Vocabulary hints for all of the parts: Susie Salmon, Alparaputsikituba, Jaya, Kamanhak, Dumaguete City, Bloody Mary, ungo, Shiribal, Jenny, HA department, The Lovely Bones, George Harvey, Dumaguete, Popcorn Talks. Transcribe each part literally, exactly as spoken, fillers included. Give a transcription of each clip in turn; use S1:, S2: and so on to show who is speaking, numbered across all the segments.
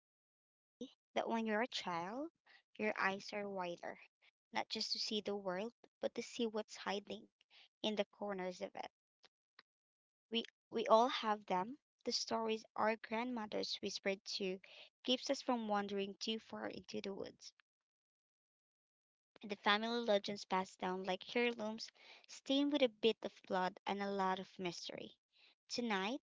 S1: They say that when you're a child, your eyes are wider, not just to see the world, but to see what's hiding in the corners of it. We we all have them. The stories our grandmothers whispered to keeps us from wandering too far into the woods. The family legends passed down like heirlooms, stained with a bit of blood and a lot of mystery. Tonight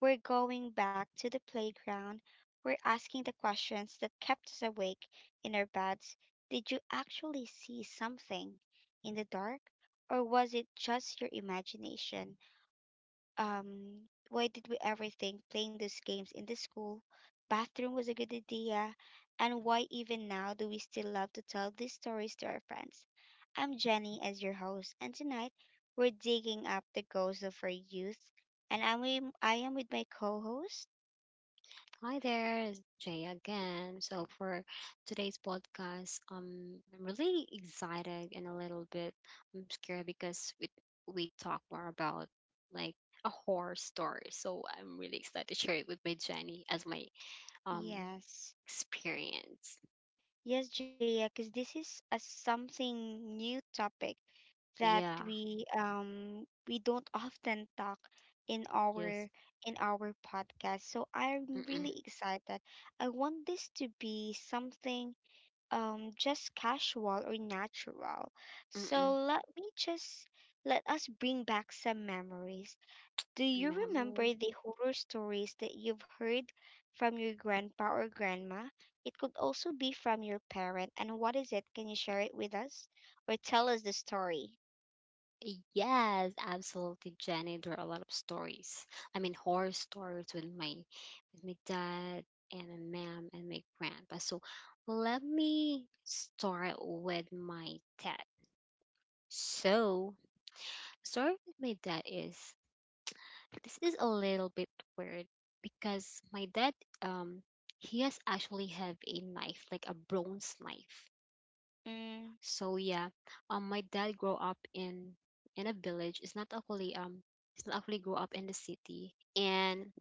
S1: we're going back to the playground. We're asking the questions that kept us awake in our beds. Did you actually see something in the dark, or was it just your imagination? um why did we ever think playing those games in the school bathroom was a good idea, and why even now do we still love to tell these stories to our friends? I'm Jenny as your host, and tonight we're digging up the ghosts of our youth. And i'm with, i am with my co-host.
S2: Hi there, it's Jay again. So for today's podcast, um, I'm really excited and a little bit um scared because we we talk more about like a horror story. So I'm really excited to share it with my Jenny as my um
S1: Yes.
S2: experience.
S1: Yes, Jaya, because this is a something new topic that
S2: Yeah.
S1: we um we don't often talk in our
S2: Yes.
S1: in our podcast. So I'm really
S2: Mm-mm,
S1: excited. I want this to be something um just casual or natural. So
S2: mm-mm.
S1: let me just let us bring back some memories. Do you remember
S2: Memory.
S1: the horror stories that you've heard from your grandpa or grandma? It could also be from your parent. And what is it? Can you share it with us or tell us the story?
S2: Yes, absolutely, Jenny. There are a lot of stories. I mean, horror stories with my with my dad and my mom and my grandpa. So let me start with my dad. So story with my dad is this is a little bit weird because my dad um he has actually have a knife like a bronze knife.
S1: Mm,
S2: So yeah, um, my dad grew up in in a village. It's not actually um, it's not actually grew up in the city. And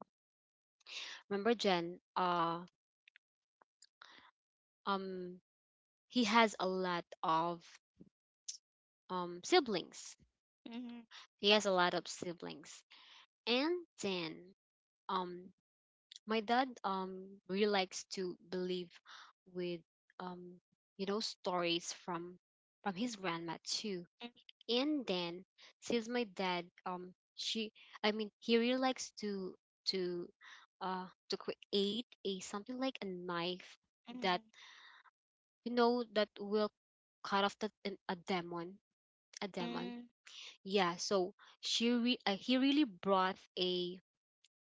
S2: remember Jen, uh, um, he has a lot of um siblings.
S1: mhm,
S2: He has a lot of siblings. And then um, my dad um really likes to believe with um you know stories from from his grandma too.
S1: mm,
S2: And then since my dad um she I mean he really likes to to uh to create a something like a knife
S1: mhm,
S2: that you know that will cut off the, an- a demon, a demon.
S1: mm,
S2: Yeah, so she re- uh, he really brought a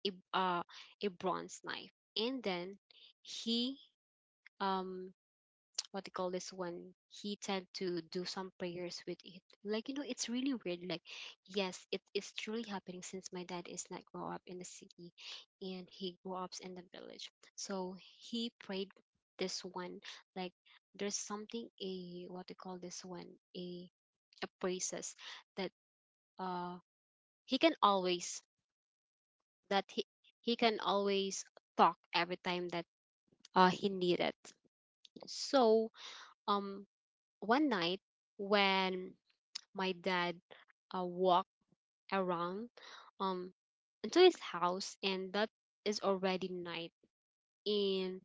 S2: a uh, a bronze knife, and then he um what they call this one, he tend to do some prayers with it, like you know, it's really weird. Like yes, it is truly happening, since my dad is not grow up in the city and he grew up in the village. So he prayed this one, like there's something, a what they call this one, a a praises that uh he can always, that he he can always talk every time that uh he needed. So um one night, when my dad uh, walked around um into his house and that is already night, and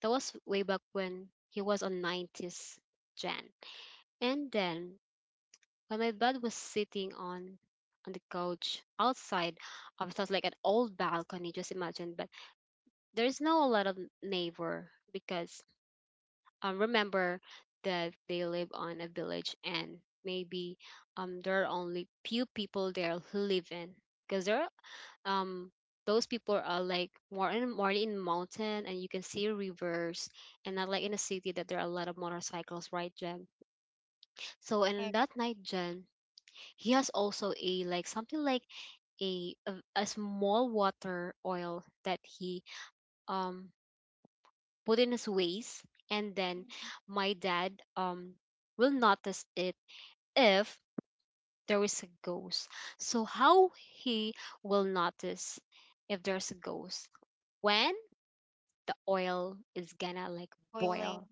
S2: that was way back when he was on nineties, gen and then when my dad was sitting on on the couch outside of, it was like an old balcony, just imagine, but there's no a lot of neighbor because, um, remember, that they live on a village, and maybe, um, there are only few people there who live in, because there are, um, those people are like more in more in mountain and you can see rivers, and not like in a city that there are a lot of motorcycles, right Jen? So
S1: uh,
S2: and that night Jen, he has also a like something like a a, a small water oil that he um put in his ways, and then
S1: mhm.
S2: my dad um will notice it if there is a ghost. So how he will notice if there's a ghost, when the oil is gonna like
S1: Boiling.
S2: boil.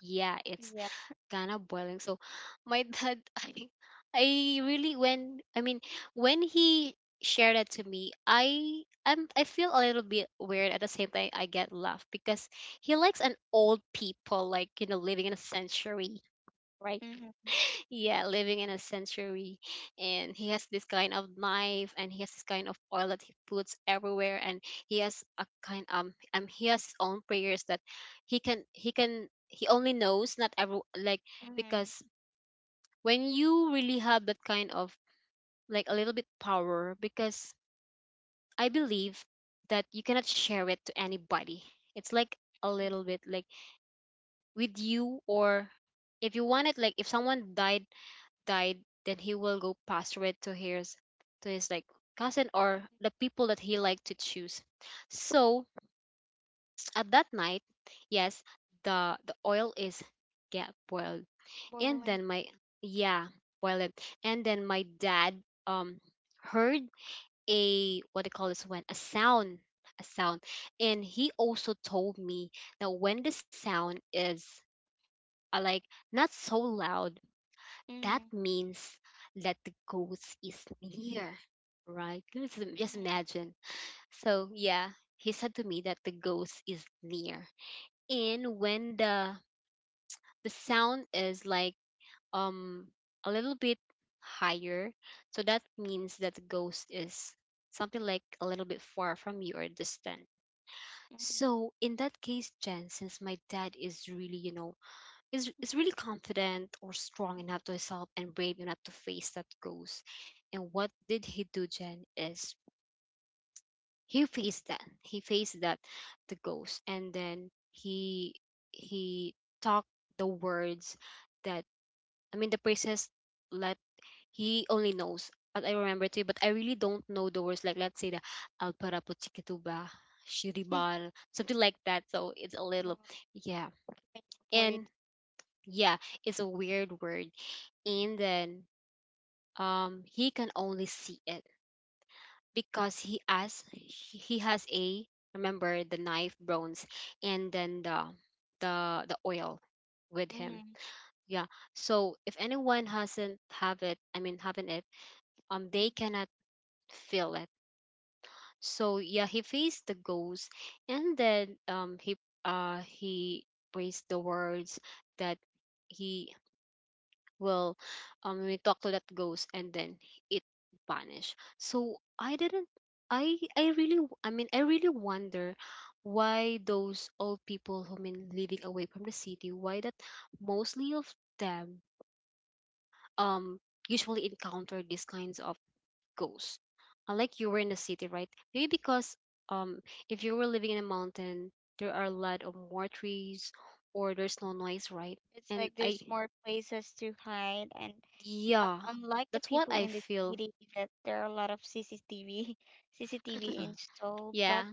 S2: Yeah, it's
S1: Yeah.
S2: kind of boiling. So my dad, I, I really when I mean when he shared that to me, I I'm I feel a little bit weird. At the same time, I get laugh because he likes an old people, like you know, living in a century. Right.
S1: Mhm,
S2: Yeah, living in a century. And he has this kind of knife, and he has this kind of oil that he puts everywhere, and he has a kind, um um he has his own prayers that he can he can he only knows, not every, like,
S1: mhm,
S2: because when you really have that kind of, like, a little bit power, because I believe that you cannot share it to anybody. It's like a
S1: mm,
S2: little bit like with you, or if you want it, like, if someone died, died then he will go pass it to his to his like cousin, or the people that he like to choose. So at that night, yes, the the oil is get boiled, and
S1: boiling.
S2: then my, yeah, boil it. And then my dad um heard a what they call this one, a sound, a sound. And he also told me that when the sound is uh, like not so loud, that
S1: Mhm,
S2: means that the ghost is near. Right, Let's im- just
S1: mhm,
S2: imagine. So yeah, he said to me that the ghost is near. And when the the sound is like um a little bit higher, so that means that the ghost is something like a little bit far from you, or distant.
S1: mhm,
S2: So in that case Jen, since my dad is really, you know, is is really confident, or strong enough to help, and brave enough to face that ghost. And what did he do Jen, is he faced that, he faced that the ghost, and then he he talked the words that, I mean the princess, let he only knows. And I remember too, but I really don't know the words. Like let's say the Alparaputsikituba,
S1: mhm.
S2: Shiribal, something like that. So it's a
S1: Um,
S2: little, yeah.
S1: word.
S2: And yeah, it's a weird word. And then um he can only see it, because he has he he has a, remember, the knife bronze, and then the the the oil with
S1: Mhm,
S2: him.
S1: mm.
S2: Yeah. So if anyone hasn't have it, I mean haven't it, um they cannot feel it. So yeah, he faced the ghost, and then um he uh he praised the words that he will um we talk to that ghost, and then it vanished. So I didn't. I I really w- I mean I really wonder why those old people, who mean living away from the city, why that mostly of them um usually encounter these kinds of goes. Uh, like you were in the city, right? Maybe because um if you were living in a mountain, there are a lot of more trees, or there's no noise, right?
S1: It's like
S2: And
S1: there's
S2: I
S1: more places to hide, and um,
S2: yeah,
S1: unlike the
S2: that's what
S1: people in
S2: I
S1: the
S2: feel.
S1: city, that there are a lot of C C T V, C C T V installed. But
S2: Yeah.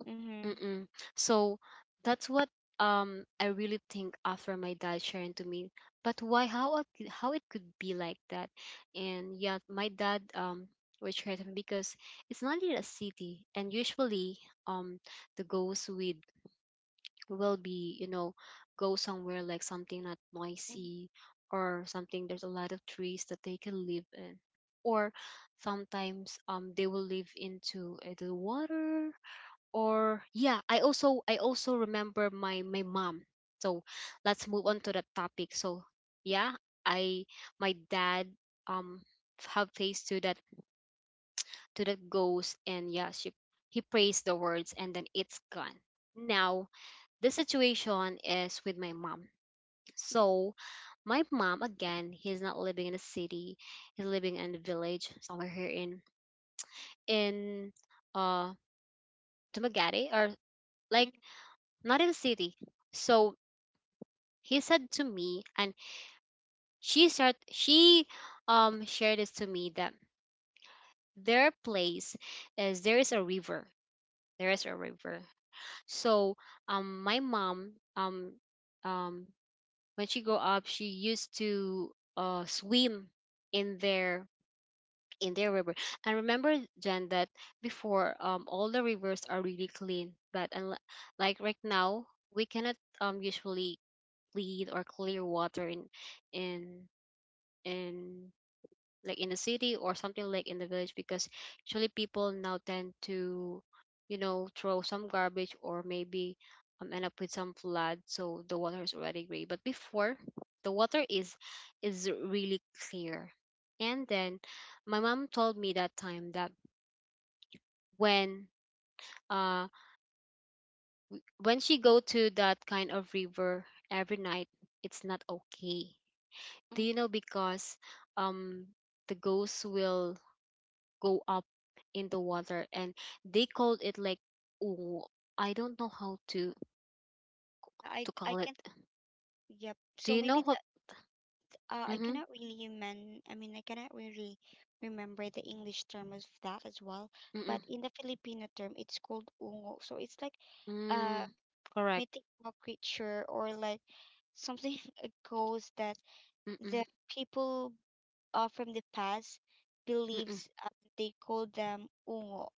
S1: mhm,
S2: Mm-mm. So that's what um I really think after my dad sharing to me. But why, how it could- how it could be like that? And yeah, my dad um was sharing to me, because it's not in a city, and usually um the ghosts with will be, you know, go somewhere like something not
S1: mm,
S2: noisy, or something there's a lot of trees that they can live in, or sometimes um they will live into uh, the water. Or yeah, i also I also remember my my mom. So let's move on to that topic. So yeah, I my dad um have faced to that to that ghost, and yeah, she he prays the words, and then it's gone. Now the situation is with my mom.
S1: mm,
S2: So, my mom again, he's not living in a city. He's living in a village somewhere here in in uh Dumaguete, or
S1: mm,
S2: like, not in a city. So, he said to me, and she start she um shared this to me, that their place is, there is a river. There is a river. So, um my mom um um when she grew up, she used to uh swim in their in their river. And remember Jen, that before, um all the rivers are really clean. But unle-, like right now, we cannot um usually clean or clear water in in in like in the city, or something like in the village, because usually people now tend to, you know, throw some garbage, or maybe um, end up with some flood, so the water is already gray. But before, the water is is really clear. And then my mom told me that time, that when uh when she go to that kind of river every night, it's not okay. Do you
S1: mhm.
S2: know, because um the ghosts will go up in the water, and they called it like, oh, I don't know how to
S1: I
S2: to
S1: I
S2: call it.
S1: can. Yep.
S2: Do
S1: So
S2: you know
S1: maybe
S2: what?
S1: uh, I
S2: Mm-hmm,
S1: cannot really men I mean I cannot really remember the English term of that as well.
S2: mm-mm,
S1: But in the Filipino term it's called ungo. So it's like a
S2: mm, correct.
S1: mythical creature or like something a ghost that
S2: Mm-mm,
S1: the people uh, from the past
S2: mm-mm,
S1: believes uh, they call them ungo.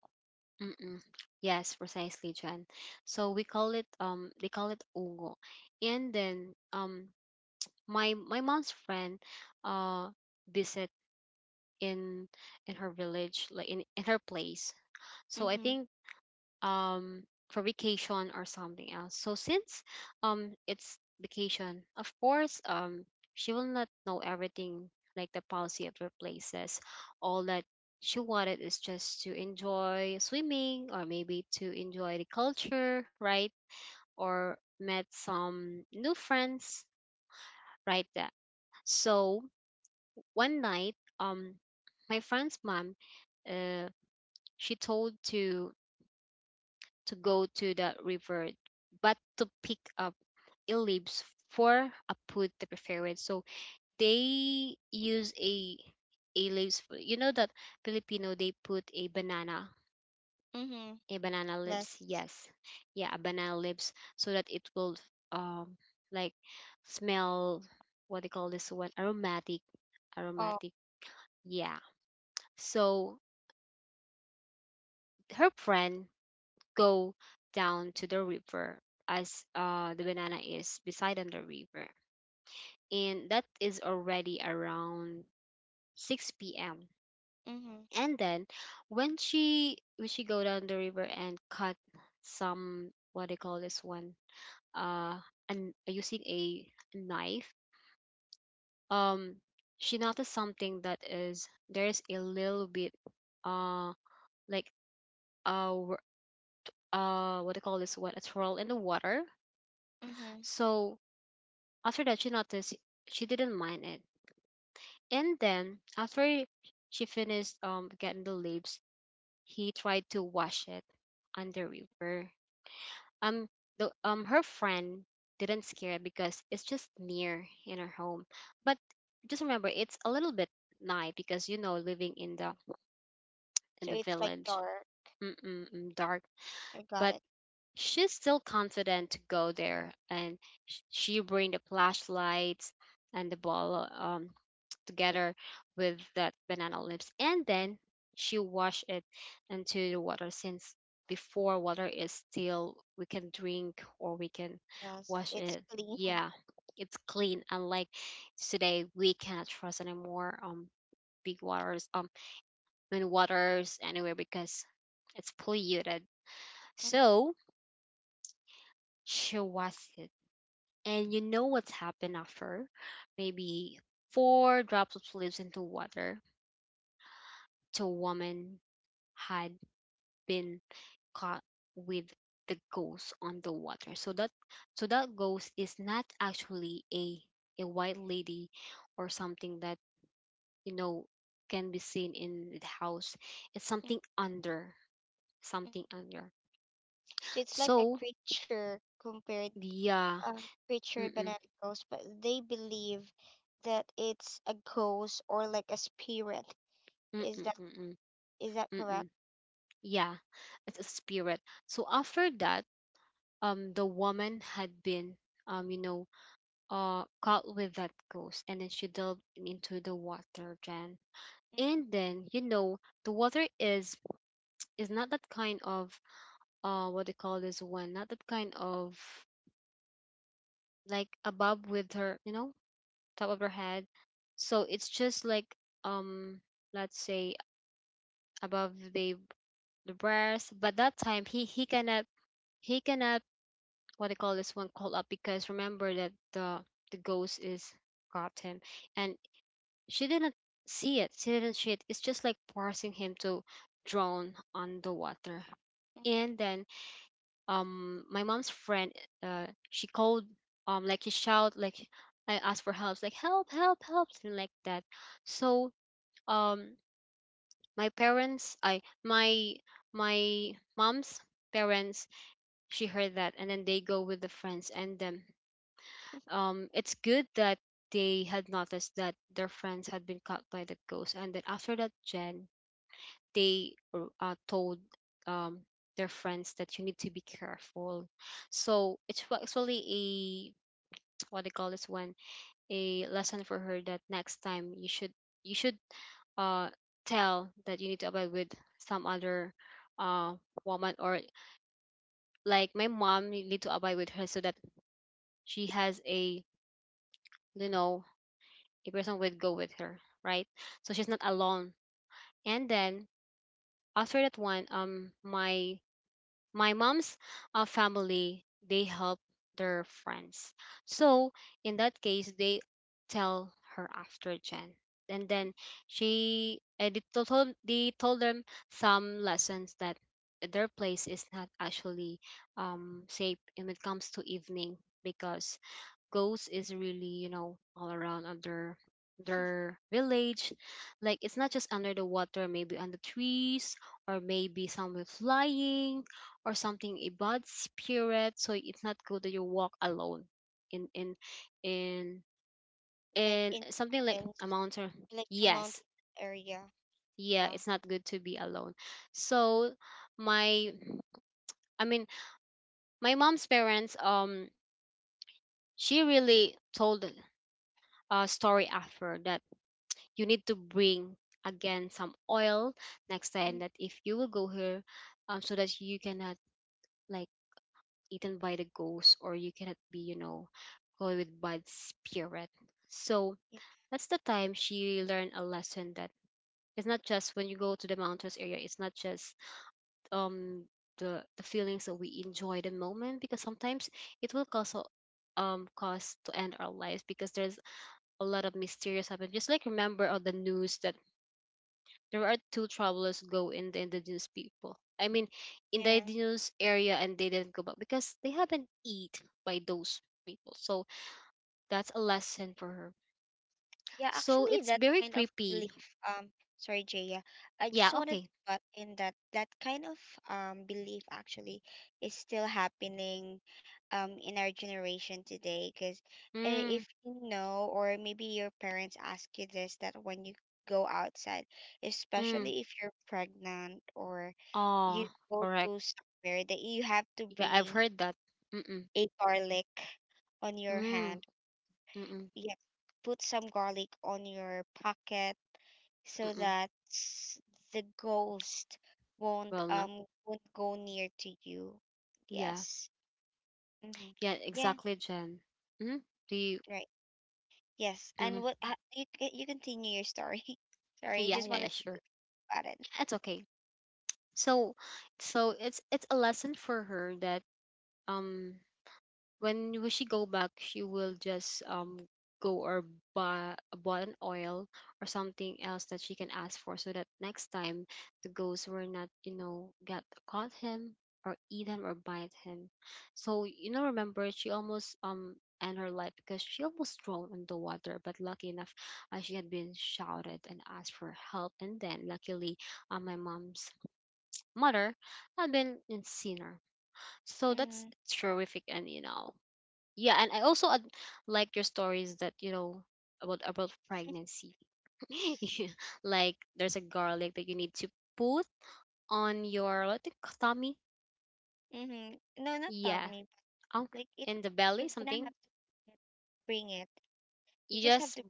S2: mm-mm. Yes, precisely Jen. So we call it, um they call it ungo. And then um my my mom's friend uh visit in in her village, like in, in her place. So I
S1: Mm-hmm.
S2: think um for vacation or something else. So since um it's vacation, of course um she will not know everything, like the policy of her places. All that she wanted is just to enjoy swimming, or maybe to enjoy the culture, right? Or met some new friends, right, that. So one night, um my friend's mom uh she told to to go to the river, but to pick up a leaves for a put the preferred. So they use a a leaves. for- You know that Filipino, they put a banana,
S1: Mm-hmm.
S2: a banana leaves.
S1: Yes.
S2: Yes, yeah, a banana leaves, so that it will um like smell. What they call this one? Aromatic,
S1: Oh.
S2: aromatic. Yeah. So her friend go down to the river, as uh the banana is beside on the river. And that is already around six p m
S1: Mm-hmm.
S2: And then when she when she go down the river and cut some what they call this one uh and using a knife. um she noticed something, that is, there's a little bit uh like uh wor- uh what they call this one, a swirl in the water.
S1: Mm-hmm.
S2: So after that she noticed, she didn't mind it, and then after she finished um getting the leaves, he tried to wash it under river. Um, the um Her friend didn't scare because it's just near in her home. But just remember, it's a little bit night because you know living in the in the
S1: So it's like
S2: village,
S1: dark.
S2: mm-mm, dark.
S1: I
S2: But
S1: got it.
S2: she's still confident to go there, and sh- she bring the flashlights and the ball um together with that banana leaves, and then she wash it into the water, since before, water is still we can drink or we can
S1: Yes.
S2: wash it.
S1: It's clean.
S2: Yeah, it's clean, unlike today we cannot trust anymore um big waters, um main waters anywhere, because it's polluted.
S1: Mm-hmm.
S2: So she washed it, and you know what's happened? After maybe four drops of leaves into water, to a woman, had been caught with the ghost on the water. So that, so that ghost is not actually a a white lady or something that, you know, can be seen in the house. It's something under, something
S1: Mm-hmm.
S2: under.
S1: So it's like a
S2: So
S1: creature compared
S2: yeah,
S1: uh, creature
S2: mm-mm,
S1: banana ghost, but they believe that it's a ghost or like a spirit.
S2: mm-mm,
S1: Is that
S2: mm-mm,
S1: is that
S2: mm-mm,
S1: correct?
S2: yeah, it's a spirit. So after that, um, the woman had been, um, you know, uh, caught with that ghost, and then she delved into the water, Jan. And then you know the water is is not that kind of, uh what they call this one, not that kind of like above with her, you know, top of her head. So it's just like, um let's say, above the the breast. But that time he he cannot he cannot, what they call this one, call up, because remember that the the ghost is caught him, and she didn't see it, she didn't see it. It's just like forcing him to drown on the water.
S1: Mm-hmm.
S2: And then um my mom's friend, uh she called, um like he shout like, "I asked for help," like, "Help, help, help," something like that. So um my parents I my my mom's parents, she heard that, and then they go with the friends. And then um it's good that they had noticed that their friends had been caught by the ghost, and then after that, Jen, they r- uh, told, um, their friends that you need to be careful. So it's wa- actually a what they call this one, a lesson for her, that next time you should, you should uh tell that you need to abide with some other, uh woman, or like my mom. You need to abide with her so that she has a, you know, a person would go with her, right? So she's not alone. And then after that one, um my my mom's, uh, family, they help their friends. So in that case they tell her after, Jen, and then she uh, they to- told they told them some lessons, that their place is not actually um safe when it comes to evening, because ghost is really, you know, all around under their village. Like, it's not just under the water, maybe on the trees, or maybe somewhere flying, or something, a bad spirit. So it's not good that you walk alone in in in
S1: Like
S2: in
S1: in
S2: something like a
S1: province,
S2: mountain.
S1: like the
S2: Yes,
S1: mountain area.
S2: yeah,
S1: Yeah.
S2: it's not good to be alone. So my, I mean, my mom's parents, um she really told a story after that. You need to bring again some oil next time,
S1: Mm,
S2: that if you will go here, um so that you cannot, like, eaten by the ghost, or you cannot be, you know, polluted by the spirit. So that's the time she learned a lesson, that it's not just when you go to the mountains area. It's not just, um the, the feelings that we enjoy the moment, because sometimes it will cause, a- um cause to end our lives, because there's a lot of mysterious happen. Just like, remember all the news that there are two travelers go in the indigenous people, I mean, in the
S1: yeah.
S2: indigenous area, and they didn't go back because they haven't eat by those people. So that's a lesson for her.
S1: Yeah,
S2: So
S1: actually,
S2: it's
S1: that
S2: very
S1: kind of
S2: creepy.
S1: belief, um, sorry, Jaya, I just
S2: Yeah.
S1: wanted
S2: Okay.
S1: to butt in that that kind of um belief actually is still happening um in our generation today. Because
S2: Mm.
S1: if you know, or maybe your parents ask you this, that when you go outside,
S2: Mm.
S1: especially if you're pregnant, or you
S2: Oh,
S1: go
S2: correct.
S1: to somewhere that you have to
S2: Yeah, I've
S1: bring
S2: heard that. Mm.
S1: a garlic on your
S2: Mm.
S1: hand.
S2: Mm.
S1: You have to put some garlic on your pocket so
S2: Mm.
S1: that s- the ghost won't
S2: Well, not.
S1: um won't go near to you.
S2: Yeah.
S1: Yes. Mm-hmm.
S2: Yeah.
S1: Yeah.
S2: Exactly, Jen. Mm. Do you?
S1: Right. Yes.
S2: Mm.
S1: And what ha- you c- you continue your story. Sorry, you
S2: Yeah.
S1: just
S2: Yeah.
S1: wanted
S2: Yeah. Sure.
S1: to add it.
S2: It's okay. So, so it's it's a lesson for her, that um when will she go back, she will just, um go or buy bought an oil or something else that she can ask for, so that next time the ghost will not, you know, get caught him, or eat him, or bite him. So, you know, remember, she almost um end her life because she almost drowned in the water. But lucky enough, uh, she had been shouted and asked for help, and then luckily, uh, my mom's mother had been in seen her. So that's
S1: Mm-hmm.
S2: terrific. And you know yeah, and I also ad- like your stories that, you know, about about pregnancy. Yeah, like there's a garlic that you need to put on your, what the, tummy,
S1: Mm-hmm. No, not
S2: yeah,
S1: Tommy.
S2: um
S1: But like it,
S2: in the
S1: you're
S2: belly,
S1: gonna have
S2: something,
S1: to bring it. You
S2: you
S1: just have
S2: just
S1: to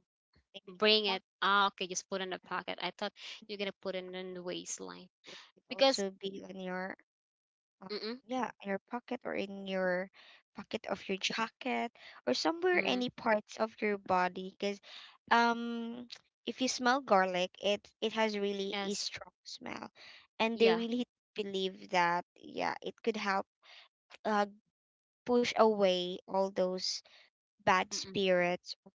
S1: maybe in your
S2: bring it.
S1: pocket.
S2: Ah, okay, just put in the pocket. I thought you're gonna put it in the waistline,
S1: It could
S2: because
S1: also be on your um,
S2: mm-mm,
S1: yeah, in your pocket or in your pocket of your jacket or somewhere
S2: mm,
S1: any parts of your body, because um if you smell garlic, it it has really a
S2: yes,
S1: strong smell, and they
S2: yeah,
S1: really believe that yeah, it could help, uh, push away all those bad
S2: mm-mm,
S1: spirits or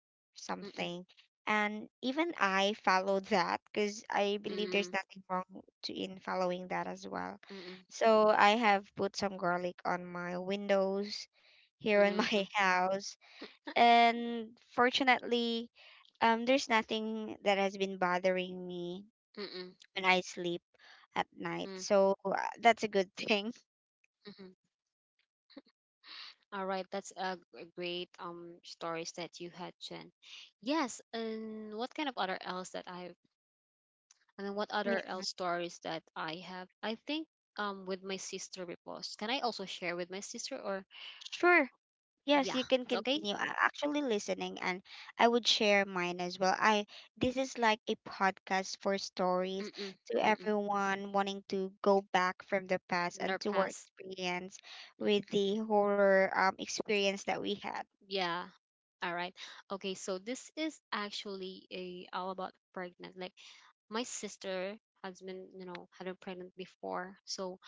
S2: mm-mm,
S1: something. And even I follow that because I believe there's
S2: mm-mm,
S1: nothing wrong to in following that as well.
S2: mm-mm,
S1: So I have put some garlic on my windows here in my
S2: mm-mm,
S1: house. And fortunately, um, there's nothing that has been bothering me
S2: mm-mm,
S1: when I sleep at night. So uh, that's a good thing.
S2: mm-mm. All right, that's a, g- a great, um stories that you had, Jen. Yes, and what kind of other else that I, and then, what
S1: Yeah.
S2: other else stories that I have? I think um with my sister repost. Can I also share with my sister? Or
S1: Sure. Yes,
S2: yeah,
S1: you can
S2: it's okay?
S1: continue. I'm actually listening, and I would share mine as well. I This is like a podcast for stories
S2: Mm-mm,
S1: to
S2: mm-mm.
S1: everyone wanting to go back from the past and
S2: Their
S1: to our
S2: past.
S1: experience with the horror um experience that we had.
S2: Yeah. All right. Okay, so this is actually a all about pregnant. Like, my sister has been, you know, had been pregnant before. So,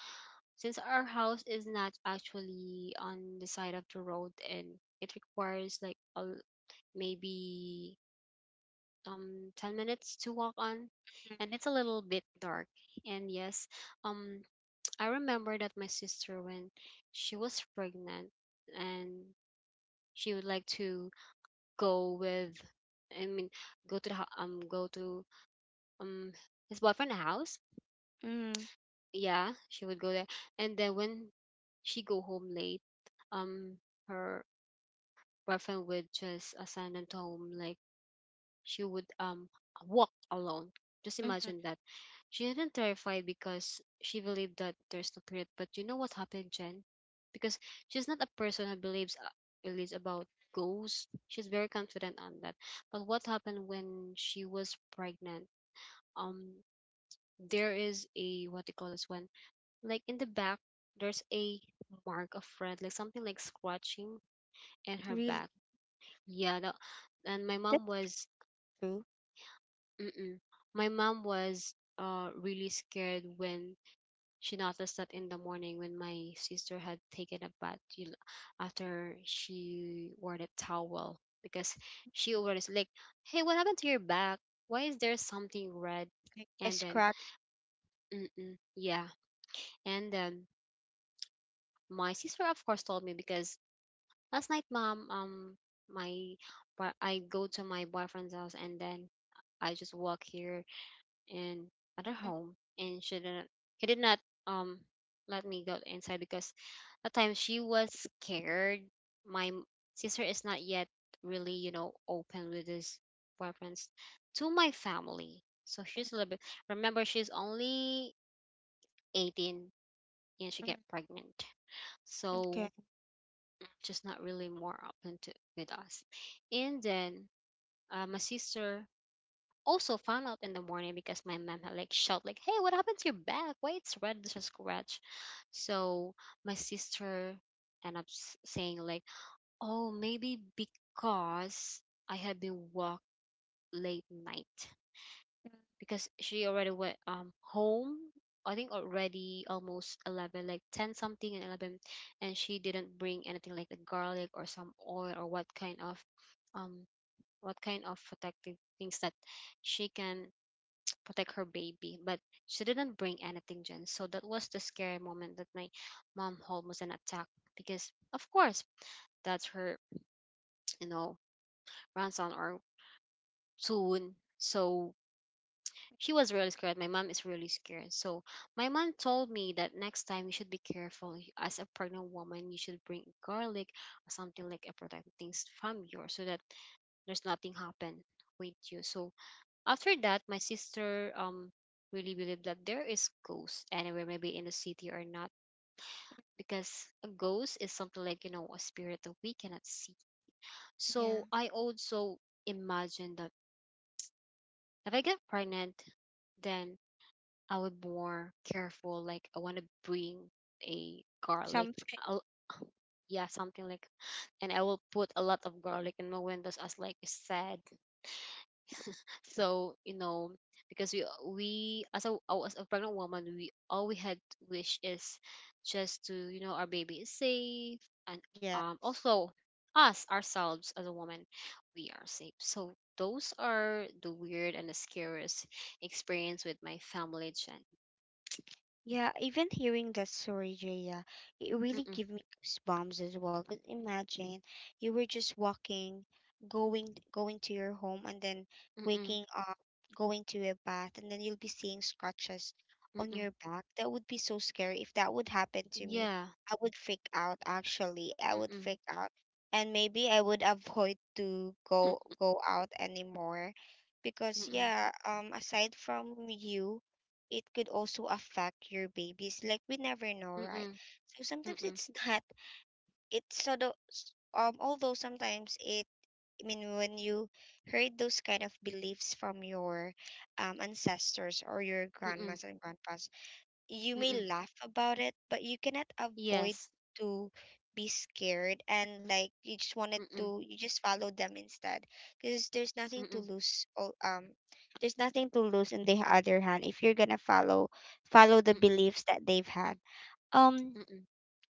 S2: since our house is not actually on the side of the road, and it requires like a, l- maybe um ten minutes to walk on, and it's a little bit dark. And yes, um I remember that my sister, when she was pregnant, and she would like to go with, I mean, go to the hou- um go to, um his boyfriend's house.
S1: Mm,
S2: Yeah, she would go there. And then when she go home late, um her often would just assign them to home. Like, she would, um walk alone. Just
S1: mm-hmm.
S2: imagine that. She didn't terrify because she believed that there's no spirit. But you know what happened, Jen? Because she's not a person who believes uh, believes about ghosts. She's very confident on that. But what happened when she was pregnant? Um, there is a, what they call this one, like in the back. There's a mark of red, like something like scratching in her
S1: Really,
S2: back. Yeah, that, and my
S1: that's
S2: mom was,
S1: true.
S2: mm-mm. My mom was, uh really scared when she noticed that in the morning, when my sister had taken a bath, you know, after she wore the towel, because she always like, "Hey, what happened to your back? Why is there something red?"
S1: Like a
S2: And then,
S1: scratch.
S2: mm-mm, yeah, and then my sister, of course, told me, because last night, Mom, um, my, I go to my boyfriend's house, and then, I just walk here, in at her
S1: Mm,
S2: home, and she didn't, he did not, um let me go inside, because at times she was scared. My m- sister is not yet, really, you know, open with his weapons to my family. So she's a little bit, remember, she's only eighteen and she
S1: mm, mm.
S2: get pregnant.
S1: Okay,
S2: So, just not really more open to with us. And then, uh, my sister also found out in the morning, because my mom had like shout like, "Hey, what happened to your back? Why it's red? There's a scratch." So my sister ended up s- saying like, "Oh, maybe because I had been walk late night," because she already went, um home. I think already almost eleven, like ten something and eleven, and she didn't bring anything like the garlic, or some oil, or what kind of, um what kind of protective things that she can protect her baby. But she didn't bring anything, Jen. So that was the scary moment, that my mom almost an attack, because, of course, that's her, you know, grandson or soon. So she was really scared. My mom is really scared. So my mom told me that next time you should be careful. You- As a pregnant woman, you should bring garlic, or something like a protective things from yours, so that there's nothing happen with you. So, after that, my sister um really believed that there is ghosts anywhere, maybe in the city or not, because a ghost is something like, you know, a spirit that we cannot see. So
S1: yeah.
S2: I also imagine that if I get pregnant, then I would be more careful. Like I want to bring a garlic,
S1: Something,
S2: I yeah, something like, and I will put a lot of garlic in my windows as like a sad so you know because we we as a oh, as a pregnant woman we all we had wish is just to you know our baby is safe and
S1: yeah.
S2: um also us ourselves as a woman we are safe. So those are the weird and the scariest experience with my family, Jen.
S1: Yeah, even hearing that story, Jaya, it really
S2: Mm-mm,
S1: gave me goosebumps as well. Cause imagine you were just walking, going going to your home, and then
S2: mm-mm,
S1: waking up, going to a bath, and then you'll be seeing scratches on
S2: mm-mm,
S1: your back. That would be so scary. If that would happen to me,
S2: yeah,
S1: I would freak out. Actually, I would
S2: mm-mm,
S1: freak out, and maybe I would avoid to
S2: mm,
S1: go go out anymore, because
S2: mm-mm,
S1: yeah, um, aside from you, it could also affect your babies. Like we never know, right?
S2: mm-mm,
S1: So sometimes
S2: mm-mm,
S1: it's not. It's sort of s- um. Although sometimes it. I mean, when you heard those kind of beliefs from your um, ancestors or your
S2: mm-mm,
S1: grandmas and grandpas, you
S2: mm-mm.
S1: may laugh about it, but you cannot
S2: Yes.
S1: avoid to be scared, and like you just wanted
S2: Mm-mm,
S1: to you just follow them instead, because there's nothing
S2: mm-mm,
S1: to lose. All um There's nothing to lose on the other hand if you're gonna follow follow the
S2: mm-mm,
S1: beliefs that they've had, um,
S2: mm-mm,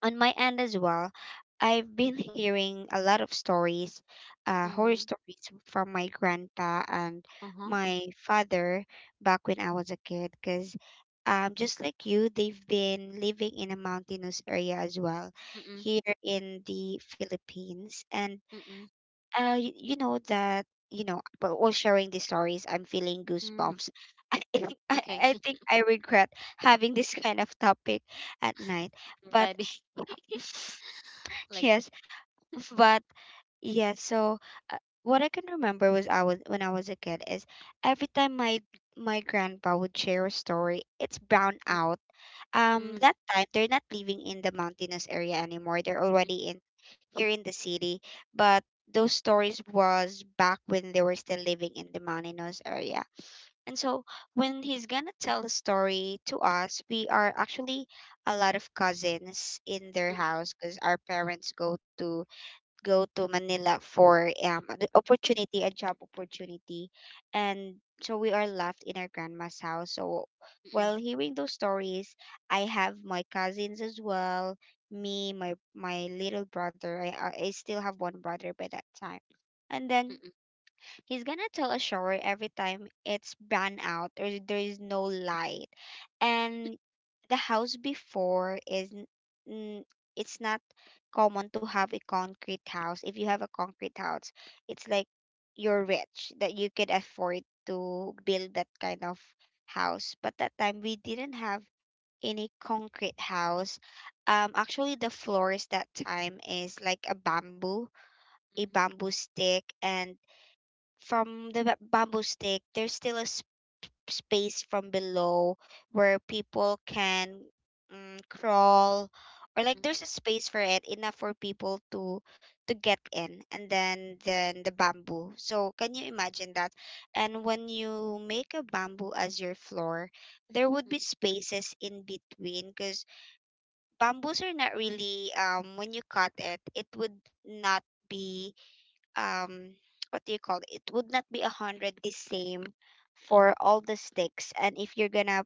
S1: on my end as well, I've been hearing a lot of stories, uh, horror
S2: mm-hmm,
S1: stories from my grandpa and
S2: uh-huh,
S1: my father back when I was a kid. Because um, just like you, they've been living in a mountainous area as well
S2: mm-mm.
S1: here in the Philippines. And
S2: Mm-mm.
S1: uh, you, you know that, you know, but while sharing these stories, I'm feeling
S2: Mm.
S1: goosebumps. I, think- I,
S2: Okay,
S1: I think I regret having this kind of topic at night.
S2: I'm
S1: But
S2: ready. Like
S1: yes, but yeah, so uh, what I can remember was I was when I was a kid is every time my my grandpa would share a story, it's brown
S2: mm,
S1: out. Um,
S2: mm,
S1: that time they're not living in the mountainous area anymore. They're
S2: mm,
S1: already in here in the city, but those stories was back when they were still living in the mountainous area. And so when he's gonna tell a story to us, we are actually a lot of cousins in their
S2: mm,
S1: house because our parents go to go to Manila for um the opportunity a job opportunity, and so we are left in our grandma's house. So
S2: mm,
S1: while hearing those stories, I have my cousins as well, me my my little brother, I I I still have one brother by that time, and
S2: mm,
S1: then
S2: mm,
S1: he's gonna tell a shower every time it's burned out or there is no light. And the house before is n- n- it's not common to have a concrete house. If you have a concrete house, it's like you're rich that you could afford to build that kind of house. But that time we didn't have any concrete house. Um, actually the floors that time is like a bamboo, a bamboo stick, and from the ba- bamboo stick, there's still a s- space from below where people can mm, crawl, or like
S2: mm,
S1: there's a space for it enough for people to to get in, and then then the bamboo. So can you imagine that? And when you make a bamboo as your floor, there would
S2: mm,
S1: be spaces in between, because bamboos are not really um when you cut it, it would not be um, what do you call it? It would not be a hundred the same for all the sticks. And if you're gonna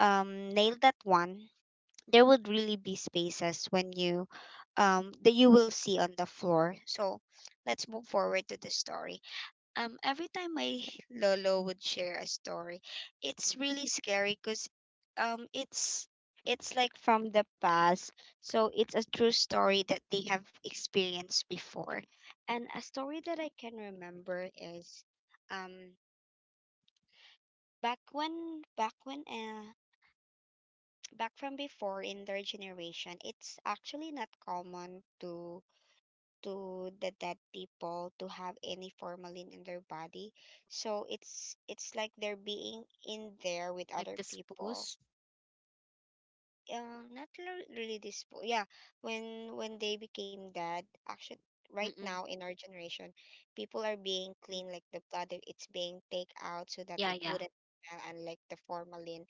S1: um nail that one,
S2: mm,
S1: there
S2: mm,
S1: would really be spaces when you
S2: yeah,
S1: um that you will see on the floor. So let's move forward to the story. Um, every time my lolo would share a story, it's
S2: mm.
S1: really scary because um, it's it's like from the past, so it's a true story that they have experienced before. And a story that I can remember is um, back when back when uh, back from before in their generation, it's actually not common to to the dead people to have any formalin in their body. So it's it's like they're being in there with
S2: Like
S1: other
S2: this
S1: people.
S2: pose.
S1: Uh, not lo- really this po- yeah, when when they became dead, actually right
S2: Mm-mm.
S1: now in our generation, people are being
S2: Mm.
S1: clean, like the blood it- it's being take out so that
S2: Yeah,
S1: it
S2: yeah.
S1: wouldn't smell, unlike the formalin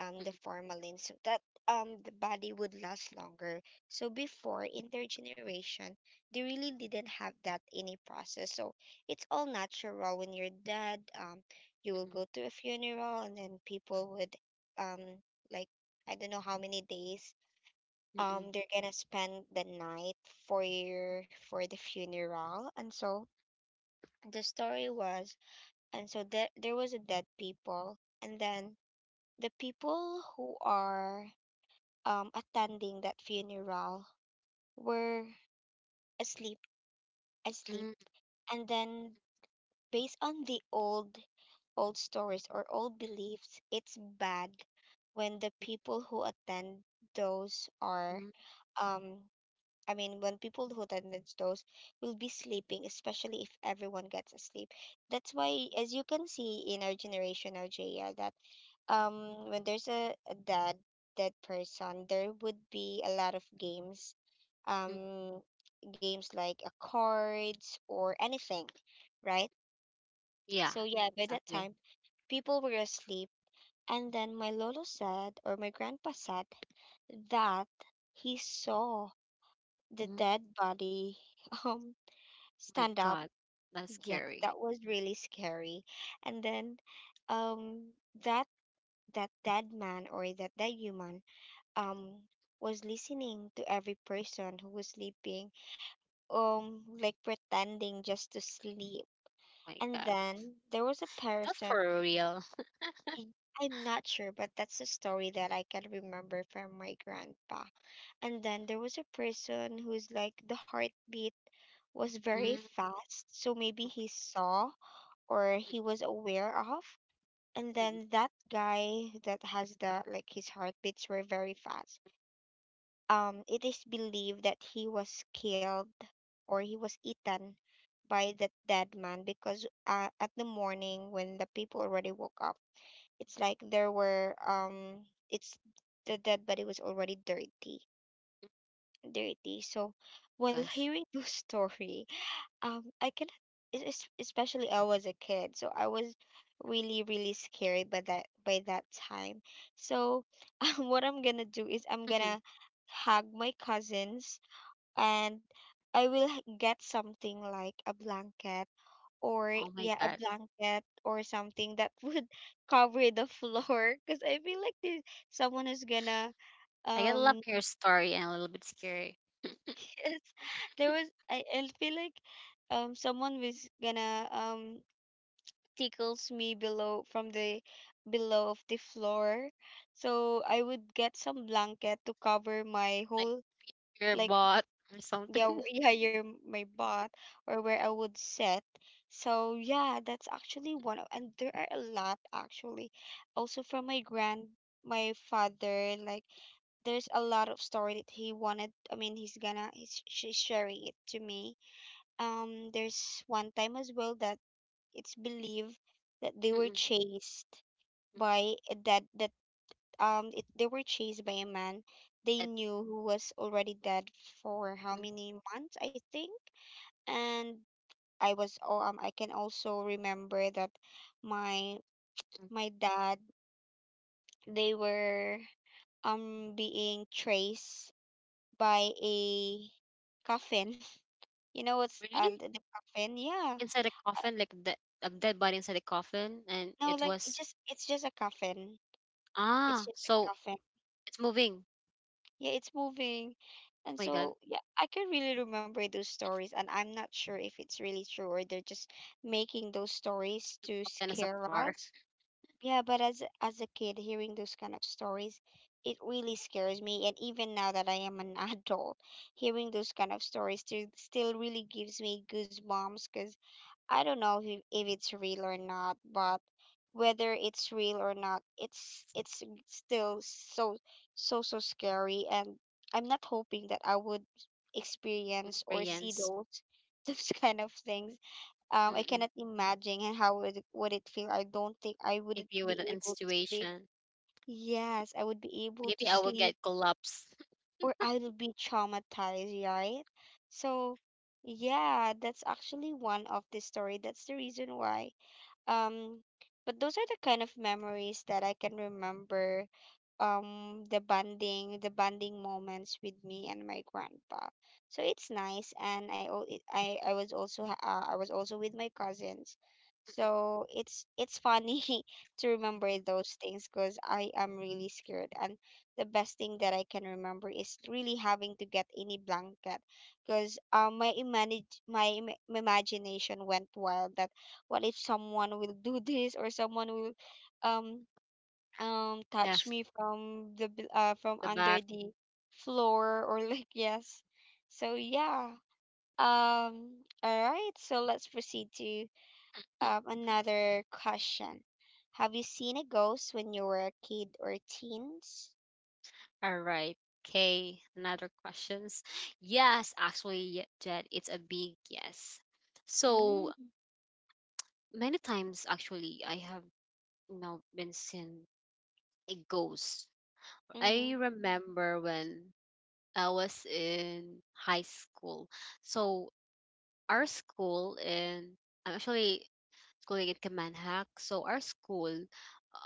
S1: um the formalin so that um the body would last longer. So before intergeneration, they really didn't have that any process. So it's all natural when you're dead. Um, you will
S2: Mm-mm.
S1: go to a funeral, and then people would um like I don't know how many days
S2: Mm-mm.
S1: um they're gonna spend the night for your for the funeral. And so the story was, and so there there was a dead people, and then the people who are um, attending that funeral were asleep, asleep.
S2: Mm-mm.
S1: And then, based on the old, old stories or old beliefs, it's bad when the people who attend those are,
S2: Mm,
S1: um, I mean, when people who attend those will be sleeping, especially if everyone gets asleep. That's why, as you can see in our generation, our J R, that um when there's a, a dead dead person, there would be a lot of games
S2: mm.
S1: um games like uh, cards or anything, right?
S2: Yeah,
S1: So yeah, by that
S2: exactly.
S1: time people were asleep, and then my lolo said, or my grandpa said, that he saw the
S2: Mm.
S1: dead body um
S2: My
S1: stand up.
S2: God, that's
S1: Yeah,
S2: scary.
S1: that was really scary. And then um that that dead man, or that dead human, um was listening to every person who was sleeping, um like pretending just to sleep.
S2: My
S1: And
S2: God,
S1: then there was a
S2: not
S1: person,
S2: for real.
S1: I- I'm not sure, but that's the story that I can remember from my grandpa. And then there was a person who's like the heartbeat was very
S2: Mm.
S1: fast, so maybe
S2: Oh
S1: he
S2: my
S1: saw or
S2: God.
S1: he was aware of. And
S2: Mm-mm.
S1: then that guy that has the, like, his heartbeats were very fast. Um, it is believed that he was killed or he was eaten by that dead man, because uh, at the morning when the people already woke up, it's like there were um it's the dead body was already dirty, dirty. So while
S2: Gosh.
S1: hearing this story, um I cannot, es- es- especially I was a kid, so I was really really scared by that by that time. So um, what I'm gonna do is I'm gonna hug my cousins, and I will h- get something like a blanket, or
S2: Oh my
S1: yeah, a
S2: God.
S1: blanket or something that would cover the floor, because I feel like there's someone who's gonna,
S2: I get love
S1: um
S2: your story and a little bit scary.
S1: yes, there was, i, I feel like um someone was gonna um tickles me below, from the below of the floor, so I would get some blanket to cover my
S2: Like
S1: whole,
S2: your
S1: like,
S2: bot or
S1: yeah, w-
S2: something.
S1: yeah your my butt, or where I would sit. So yeah, that's actually one of, and there are a lot actually. Also from my grand my father, like, there's a lot of story that he wanted, I mean, he's gonna he's she's sharing it to me. Um there's one time as well that it's believed that they were chased
S2: Mm-mm.
S1: by a that that um it, they were chased by a man they knew who was already dead for how
S2: Mm.
S1: many months, I think. And I was oh, um I can also remember that my my dad, they were um being traced by a coffin. You know what's, uh,
S2: Really?
S1: the the coffin? Yeah.
S2: Inside a coffin, like the a dead body inside a coffin, and
S1: No,
S2: it
S1: like, it
S2: was
S1: just it's just a coffin. It's
S2: ah,
S1: just a
S2: so
S1: coffin.
S2: it's moving.
S1: Yeah, it's moving. And
S2: Oh my God,
S1: so yeah, I can really remember those stories, and I'm not sure if it's really true or they're just making those stories to
S2: open us
S1: scare
S2: apart.
S1: us. Yeah, but as as a kid, hearing those kind of stories, it really scares me. And even now that I am an adult, hearing those kind of stories still still really gives me goosebumps, because I don't know if, if it's real or not, but whether it's real or not, it's it's still so so so scary. And I'm not hoping that I would experience or see
S2: Experience.
S1: those those kind of things, um, I
S2: Mm-mm.
S1: cannot imagine how would it, would it feel. I don't think I
S2: If
S1: would
S2: you were
S1: be
S2: in
S1: able to sleep.
S2: situation,
S1: Yes, I would be able to
S2: maybe I will
S1: sleep,
S2: get collapse.
S1: or I would be traumatized, right? So, yeah, that's actually one of the story. That's the reason why. Um, but those are the kind of memories that I can remember, um the bonding the bonding moments with me and my grandpa, so it's nice. And I al- it- I I was also ha- uh, I was also with my cousins, so it's it's funny to remember
S2: Mm-mm.
S1: those things, because I am really scared. And the best thing that I can remember is really having to get any blanket, because um my imagine my im- imagination went wild, that what if someone will do this or someone will, um um
S2: Yeah,
S1: touch me from the bel- uh from
S2: the back.
S1: under the floor, or like, yes. So yeah, um all right, so let's proceed to um another question. Have you seen a ghost when you were a kid or teens?
S2: All right. Okay, another questions. Yes, actually, y- Jed, it's a big yes. So
S1: Mm.
S2: many times, actually, I have you know been seen a ghost.
S1: Mm-hmm.
S2: I remember when I was in high school. So our school in I'm actually schooling in Kamanhak. So our school,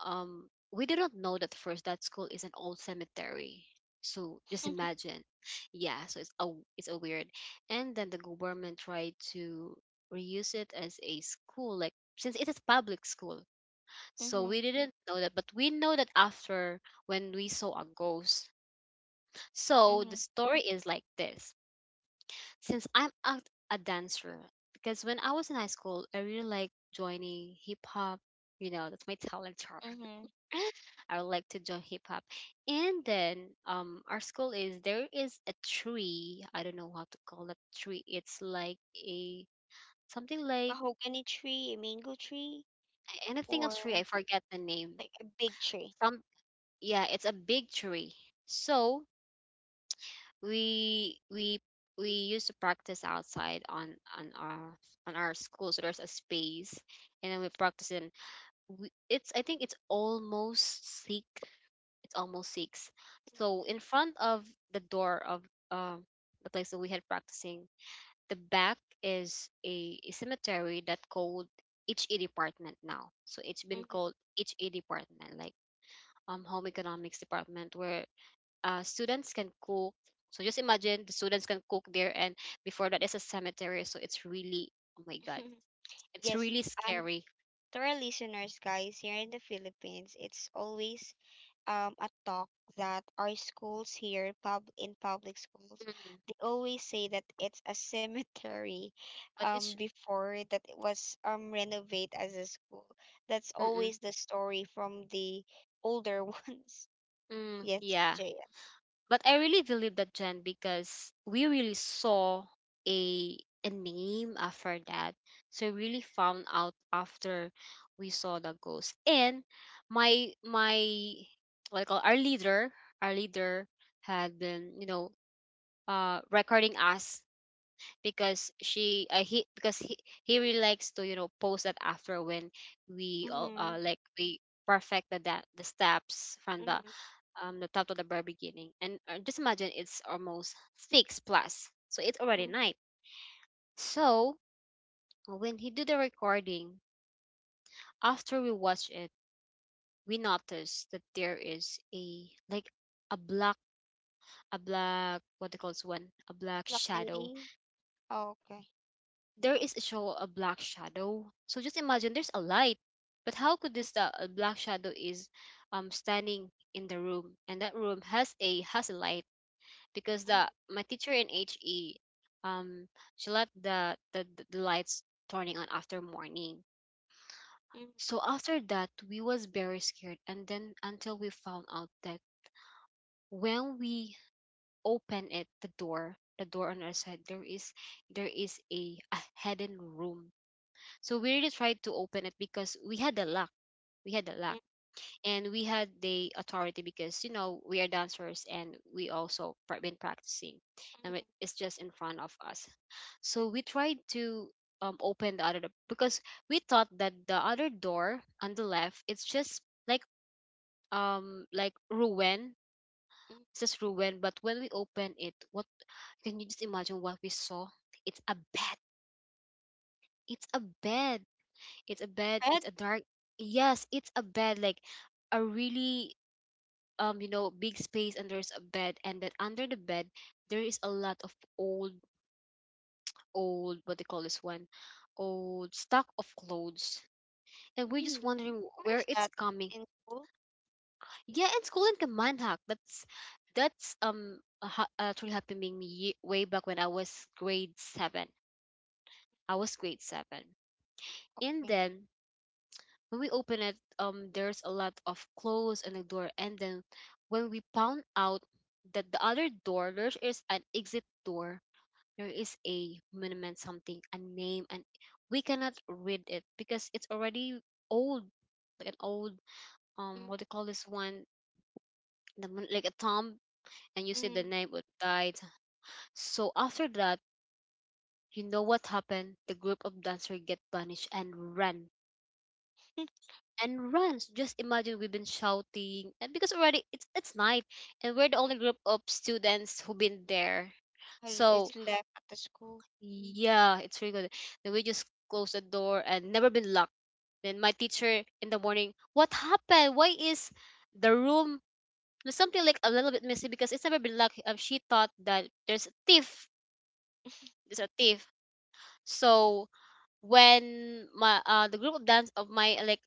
S2: um, we didn't know that first that school is an old cemetery. So just imagine, yeah. So it's a it's a weird, and then the government tried to reuse it as a school, like since it is public school. So
S1: Mm-hmm.
S2: we didn't know that, but we know that after when we saw a ghost. So the
S1: Mm-hmm.
S2: story is like this. Since I'm a, a dancer, because when I was in high school, I really like joining hip hop. You know, that's my talent chart.
S1: Mm-hmm.
S2: I would like to join hip hop. And then um our school is there is a tree. I don't know how to call that tree. It's like a something like
S1: Mahogany tree, a mango tree.
S2: anything of tree. I
S1: Or,
S2: forget the name.
S1: like, a big tree.
S2: Some yeah, it's a big tree. So we we we used to practice outside on on our on our school so there's a space and then we practice in we, it's I think it's almost six it's almost six so in front of the door of um the place that we had practicing the back is a, a cemetery that called H A department now so it's been
S1: Mm-hmm.
S2: called H A department like um home economics department where uh, students can cook. So just imagine the students can cook there, and before that is a cemetery. So it's really, oh my god, it's
S1: Yes.
S2: really
S1: um
S2: scary.
S1: to our listeners, guys, here in the Philippines, it's always um a talk that our schools here, pub in public schools,
S2: Mm,
S1: they always say that it's a cemetery,
S2: but
S1: um
S2: it's,
S1: before that it was um renovated as a school. That's
S2: mm-mm,
S1: always the story from the older ones.
S2: mm,
S1: Yes,
S2: yeah.
S1: P J.
S2: But I really believe that, Jen, because we really saw a a name after that. So we really found out after we saw the ghost. And my my what I call our leader, our leader had been you know uh recording us because she uh, he because he he really likes to you know post that after when we all
S1: Mm-hmm.
S2: uh, like we perfected that the steps from the
S1: Mm-hmm.
S2: um the top to the very beginning and uh, just imagine it's almost six plus so it's already night.
S1: Mm-hmm.
S2: So when he do the recording after we watch it we notice that there is a like a black a black what they call this one a black
S1: Black
S2: shadow
S1: lady. Oh, okay.
S2: there is a show a black shadow. So just imagine there's a light, but how could this uh, a black shadow is um standing in the room and that room has a has a light because
S1: Mm-hmm.
S2: the my teacher in H E um she let the the, the the lights turning on after morning.
S1: Mm-hmm. Mm-hmm.
S2: So after that we was very scared and then until we found out that when we open it the door the door on our side there is there is a, a hidden room. So we really tried to open it because we had the luck. We had the luck and we had the authority because you know we are dancers and we also pra- been practicing and it- it's just in front of us. So we tried to um, open the other do- because we thought that the other door on the left it's just like um like ruin. It's just ruin. But when we open it, what can you just imagine what we saw? It's a bed. It's a bed it's a bed
S1: Red.
S2: it's a dark yes it's a bed like a really um you know big space and there's a bed and then under the bed there is a lot of old old what they call this one old stock of clothes and we're just
S1: Really?
S2: wondering
S1: Where
S2: where
S1: is
S2: it's
S1: that?
S2: coming
S1: In school?
S2: yeah it's called in Kamanhak that's that's um a ha- actually happening me ye- way back when I was grade seven. I was grade seven and
S1: Okay.
S2: then when we open it, um, there's a lot of clothes on the door, and then when we found out that the other door there is an exit door, there is a monument, something, a name, and we cannot read it because it's already old, like an old um,
S1: Mm-hmm.
S2: what do you call this one, the, mon- like a tomb, and you see the
S1: Mm-hmm.
S2: name of died. So after that, you know what happened? The group of dancers get punished and ran and runs. Just imagine we've been shouting, and because already it's it's night, and we're the only group of students who've been there.
S1: Well, it's
S2: So
S1: left at the school.
S2: yeah, it's really good. Then we just close the door and never been locked. Then my teacher in the morning, what happened? Why is the room was something like a little bit messy because it's never been locked? Um, she thought that there's a thief. There's a thief. So when my uh the group of dance of my like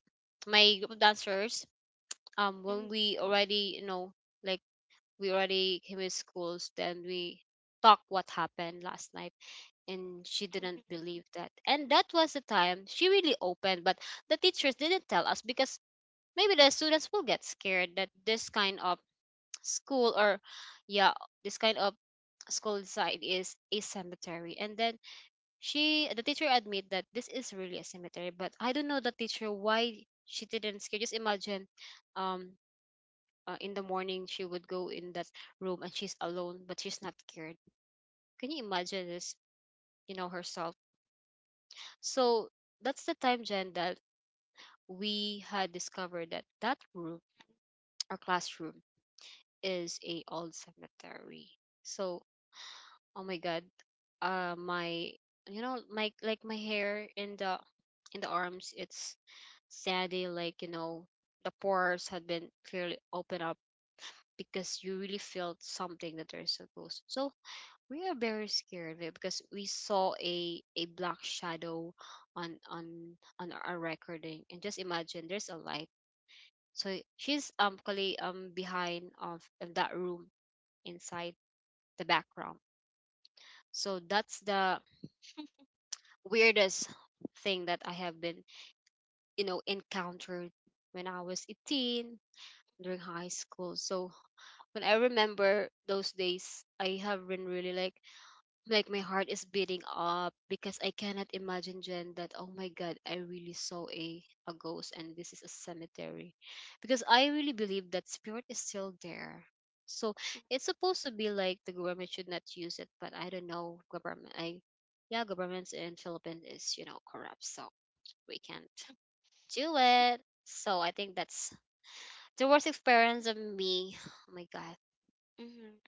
S2: my group of dancers um
S1: Mhm.
S2: when we already you know like we already came in schools then we talk what happened last night and she
S1: Mhm.
S2: didn't believe that and that was the time she really opened but the teachers didn't tell us because maybe the students will get scared that this kind of school or yeah this kind of school site is a cemetery and then she the teacher admit that this is really a cemetery but I don't know the teacher why she didn't scare. Just imagine um uh, in the morning she would go in that room and she's alone but she's not cared. Can you imagine this, you know, herself? So that's the time, Jen, that we had discovered that that room our classroom is a old cemetery. So oh my god, uh my you know my like my hair in the in the arms it's sandy, like you know the pores had been clearly opened up because you really felt something that there's a ghost. So we are very scared of because we saw a a black shadow on on on our recording and just imagine there's a light. So she's um actually um behind of, of that room inside the background. So that's the weirdest thing that I have been you know encountered when I was eighteen during high school. So when I remember those days I have been really like like my heart is beating up because I cannot imagine, Jen, that oh my god I really saw a a ghost and this is a cemetery because I really believe that spirit is still there. So
S1: Mm.
S2: it's supposed to be like the government should not use it but I don't know government I yeah governments in Philippines is you know corrupt so we can't do it. So I think that's the worst experience of me. Oh my god.
S1: Mhm.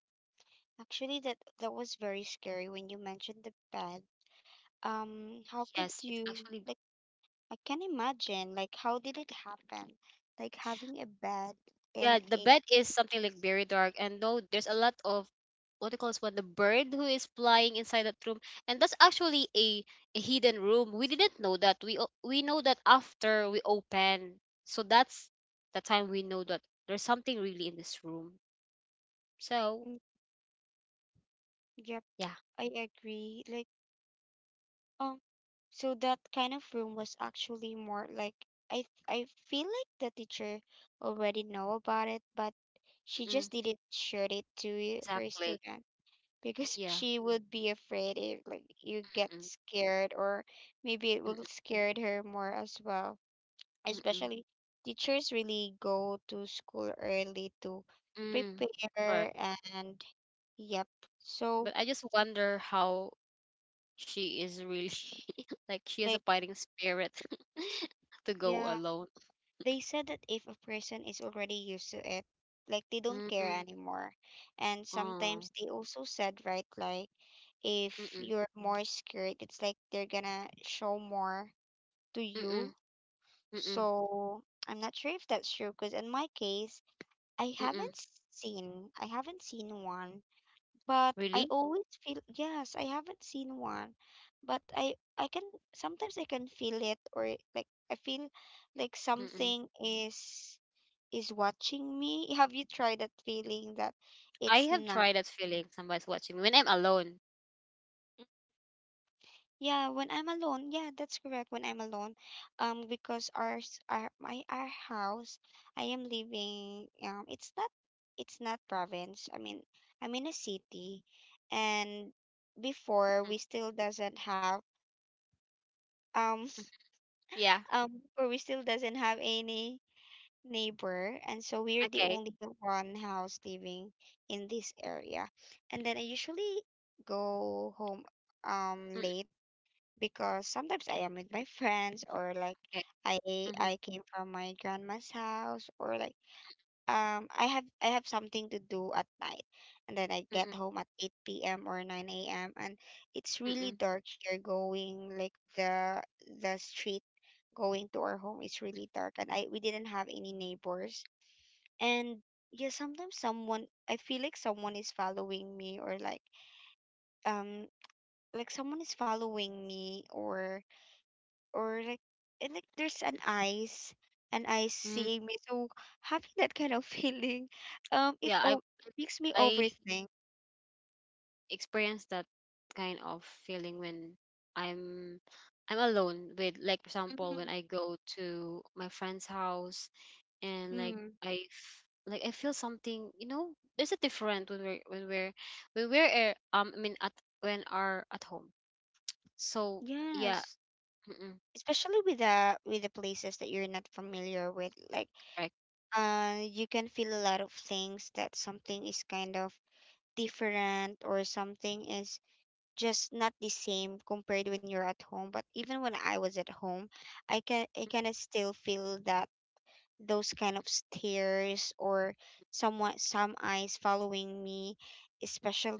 S1: Actually, that that was very scary when you mentioned the bed. Um, how could
S2: Yes, it's
S1: you,
S2: actually
S1: like? I can imagine. Like, how did it happen? Like, having a bed
S2: yeah,
S1: in
S2: the
S1: a.
S2: bed is something like very dark, and no, there's a lot of what do you call this one? The bird who is flying inside that room, and that's actually a, a hidden room. We didn't know that. We o- we know that after we open, so that's the time we know that there's something really in this room. So
S1: Mm. Yep,
S2: yeah,
S1: I agree. Like, um, so that kind of room was actually more like, I I feel like the teacher already know about it, but she
S2: mm-mm,
S1: just didn't share it to her
S2: exactly.
S1: student. Because
S2: Yeah.
S1: she would be afraid if, like, you get
S2: Mm-mm,
S1: scared, or maybe it will
S2: mm-mm,
S1: scared her more as well,
S2: mm-mm,
S1: especially teachers really go to school early to
S2: mm, correct.
S1: prepare, and, yep, so,
S2: But I just wonder how she is really like she has
S1: like,
S2: a fighting spirit to go
S1: yeah,
S2: alone.
S1: they said that if a person is already used to it, like, they don't care
S2: Mm,
S1: anymore. And
S2: oh,
S1: sometimes they also said, right, like, if
S2: mm-mm,
S1: you're more scared, it's like they're gonna show more to
S2: mm-mm,
S1: you.
S2: mm-mm,
S1: So I'm not sure if that's true, because in my case, I
S2: mm-mm.
S1: haven't seen I haven't seen one, but I
S2: Really?
S1: always feel, yes, I haven't seen one, but I I can, sometimes I can feel it, or, like, I feel like
S2: Mm-mm.
S1: something is is watching me. Have you tried that feeling, that
S2: I
S1: it's
S2: have
S1: not?
S2: tried that feeling somebody's watching me when I'm alone.
S1: Yeah, when I'm alone, yeah, that's correct. When I'm alone, um, because ours, s- our my our house, I am living. Um, it's not, it's not province. I mean, I'm in a city, and before we still doesn't have um
S2: Mm, mm. Yeah.
S1: um before we still doesn't have any neighbor, and so we're the
S2: Okay.
S1: only one house living in this area. And then I usually go home um
S2: Mm.
S1: late, because sometimes I am with my friends, or, like,
S2: Okay.
S1: I
S2: Mhm,
S1: I came from my grandma's house, or, like, um I have I have something to do at night, and then I get
S2: mm,
S1: home at eight p m or nine a m, and it's really
S2: mm,
S1: dark here going, like, the the street going to our home is really dark, and I we didn't have any neighbors. And yeah, sometimes someone I feel like someone is following me, or, like, um like someone is following me, or or like, and, like, there's an eyes an eyes
S2: mm.
S1: seeing me. So having that kind of feeling, um it
S2: Yeah, I
S1: o- it makes me
S2: I
S1: overthink.
S2: experienced that kind of feeling when I'm I'm alone with like for example when
S1: Mm.
S2: I go to my friend's house and like
S1: Mm.
S2: I f- like I feel something you know there's a different when we're when we're when we're uh, um I mean at when are at home so yeah
S1: Yes,
S2: mm-mm,
S1: especially with the with the places that you're not familiar with, like,
S2: correct,
S1: uh you can feel a lot of things, that something is kind of different, or something is just not the same compared when you're at home. But even when I was at home, I can, I kind of still feel that those kind of stares, or somewhat some eyes following me,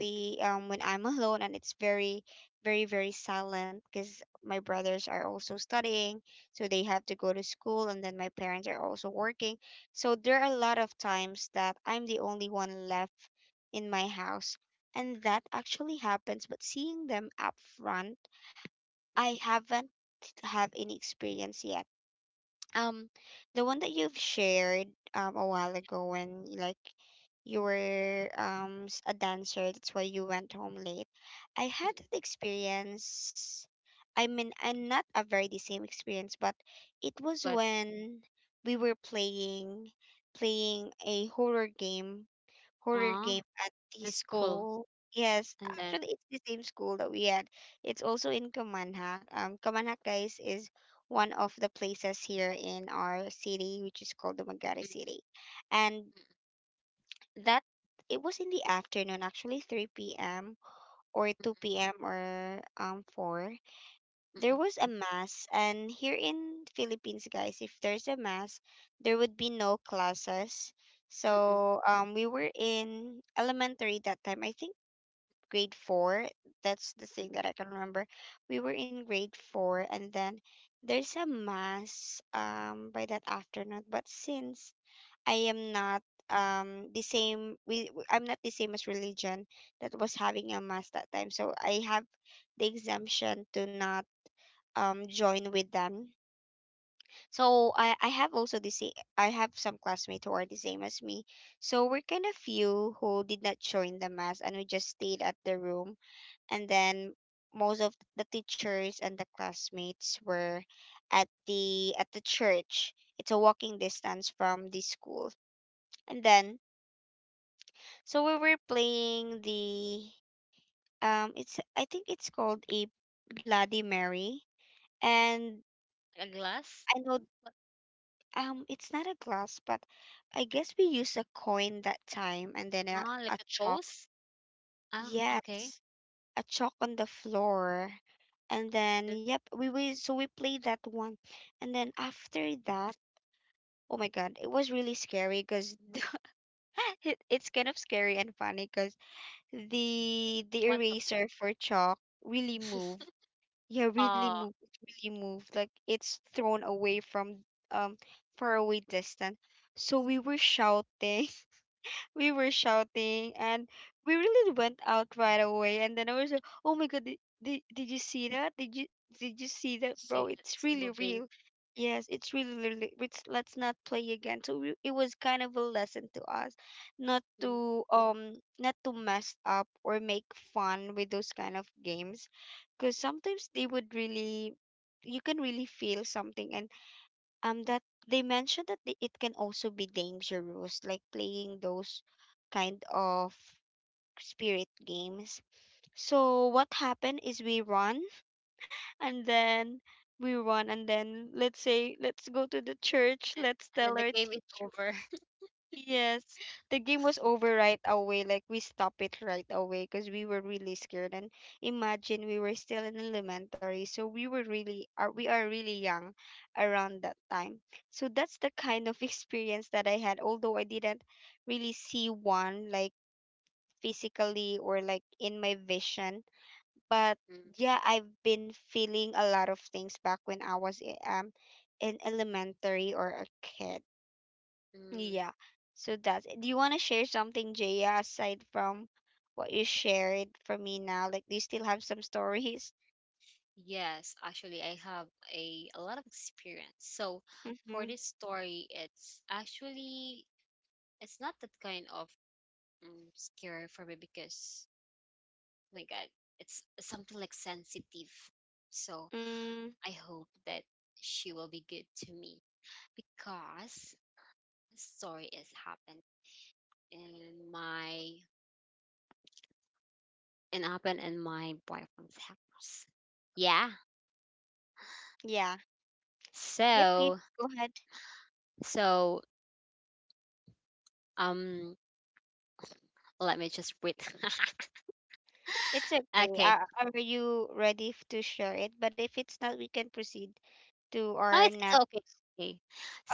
S2: mm-mm,
S1: um, when I'm alone and it's very very very silent, because my brothers are also studying, so they have to go to school, and then my parents are also working, so there are a lot of times that I'm the only one left in my house, and that actually happens. But seeing them up front, I haven't, have any experience yet. um, the one that you've shared um a while ago, when, like, you were um s- a dancer, that's why you went home late. I had
S2: mm-mm.
S1: that experience. I mean, I'm not a very the same experience, but it was
S2: But
S1: when we were playing playing a horror game horror
S2: uh
S1: game at the
S2: it's cool
S1: school. Yes,
S2: and then
S1: actually, it's the same school that we had. It's also in Kamanhak. Um, Kamanhak, guys, is one of the places here in our city, which is called Dumaguete
S2: mm-mm,
S1: City. And that it was in the afternoon, actually three p m, or two p m, or um four. There
S2: mm-mm,
S1: was a mass, and here in Philippines, guys, if there's a mass, there would be no classes.
S2: mm-mm,
S1: So um we were in elementary that time, I think. Grade four. That's the thing
S2: mm-mm.
S1: that I can remember. We were in grade four, and then there's a mass um by that afternoon. But since I am not um the same, we we- I'm not the same as religion that was having a mass that time, so I have the exemption to not um join with them. So I I have also the same I have some classmates who are the same as me. So we're kind of few who did not join the mass and we just stayed at the room, and then most of the teachers and the classmates were at the at the church. It's a walking distance from the school. And then so we were playing the um it's I think it's called a Bloody Mary. And
S2: Like a glass?
S1: I know.
S2: What?
S1: Um, it's not a glass, but I guess we used a coin that time and then a,
S2: Ah,
S1: a
S2: like a
S1: chalk.
S2: toast. Ah, okay.
S1: Yes, a chalk on the floor. And then,
S2: Then
S1: yep, we, we so we played that one. And then after that, oh my God, it was really scary because it, it's kind of scary and funny because the the
S2: what happened?
S1: eraser for chalk really move. Yeah, really
S2: Oh,
S1: moved, really moved. Like it's thrown away from um far away distant. So we were shouting, we were shouting, and we really went out right away. And then I was like, oh my god, did, did, did you see that? Did you did you see that, bro?
S2: see
S1: It's
S2: it's
S1: really
S2: moving.
S1: real. Yes, it's really, really it's, let's not play again. So we, it was kind of a lesson to us not
S2: Mm.
S1: to um not to mess up or make fun with those kind of games, because sometimes they would really, you can really feel something. And um that they mentioned that the- it can also be dangerous, like playing those kind of spirit games. So what happened is we run, and then we run, and then let's say let's go to the church,
S2: and,
S1: let's
S2: and then
S1: tell
S2: the
S1: our
S2: game is
S1: teacher.
S2: over.
S1: Yes, the game was over right away. Like we stopped it right away because we were really scared. And imagine we were still in elementary, so we were really are we are really young around that time. So that's the kind of experience that I had. Although I didn't really see one, like physically or like in my vision, but
S2: Mm,
S1: yeah, I've been feeling a lot of things back when I was i- um in elementary or a kid.
S2: mm.
S1: Yeah. So that's it. Do you want to share something, Jaya, aside from what you shared for me now? Like, do you still have some stories?
S2: Yes, actually, I have a, a lot of experience. So for
S1: Mm-hmm.
S2: this story, it's actually it's not that kind of um, scary for me, because my God, it's something like sensitive. So
S1: Mm,
S2: I hope that she will be good to me, because the story is happened in my and happened in my boyfriend's house. Yeah.
S1: yeah. Yep, you
S2: So
S1: go ahead.
S2: so um let me just breathe.
S1: It's okay.
S2: Okay.
S1: Uh, are you ready f- to share it? But if it's not, we can proceed to
S2: Oh,
S1: our
S2: it's, it's
S1: next.
S2: okay. Okay.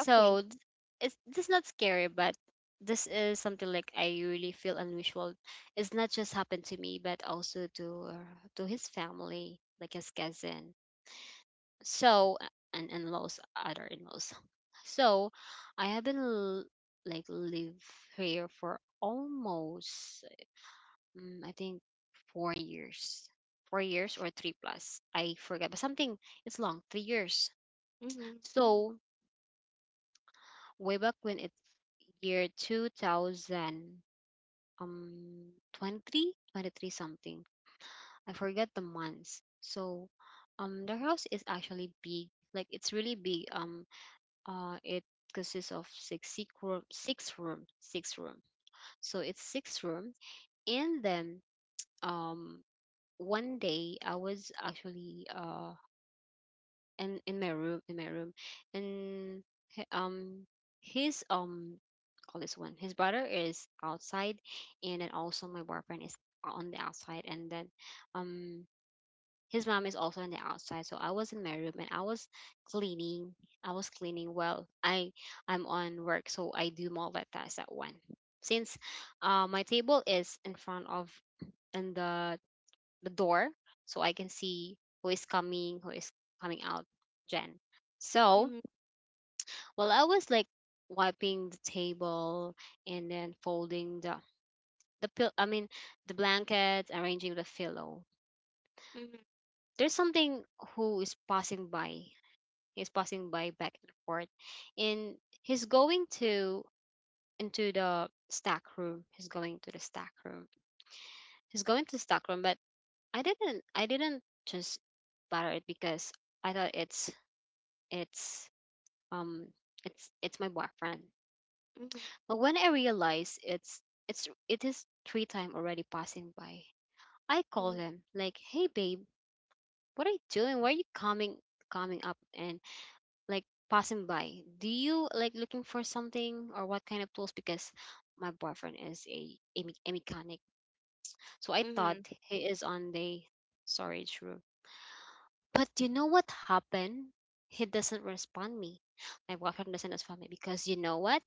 S1: Okay.
S2: th- it's this not scary, but this is something like I really feel unusual. It's not just happened to me, but also to uh, to his family, like his cousin. So uh, and and laws, other in-laws. So I have been l- like live here for almost um, I think four years, four years or three plus. I forget, but something it's long, three years.
S1: Mm-hmm.
S2: So way back when it's year two thousand um twenty three twenty three something, I forget the months. So um the house is actually big, like it's really big. Um uh it consists of six six room, six room, six room, so it's six room. And then um one day I was actually uh in in my room in my room. And he- um his um call this one, his brother is outside, and then also my boyfriend is on the outside, and then um his mom is also on the outside. So I was in my room and I was cleaning. I was cleaning well, i i'm on work, so I do multitask at one. Since uh, my table is in front of, in the the door, so I can see who is coming, who is coming out, Jen. So
S1: Mm-hmm.
S2: while I was like wiping the table and then folding the the pill, I mean the blankets, arranging the pillow,
S1: Mm-hmm.
S2: there's something who is passing by. He's passing by back and forth. And he's going to into the stack room. He's going to the stack room. He's going to the stack room, but I didn't I didn't just bother it, because I thought it's it's um it's it's my boyfriend.
S1: Mm-hmm.
S2: But when I realize it's it's it is three time already passing by, I call
S1: Mm-hmm.
S2: him like, hey babe, what are you doing, why are you coming coming up and like passing by? Do you like looking for something, or what kind of tools? Because my boyfriend is a, a, me- a mechanic, so I thought
S1: Mm-hmm.
S2: he is on the storage room. But you know what happened? He doesn't respond me. My boyfriend doesn't respond me, because you know what?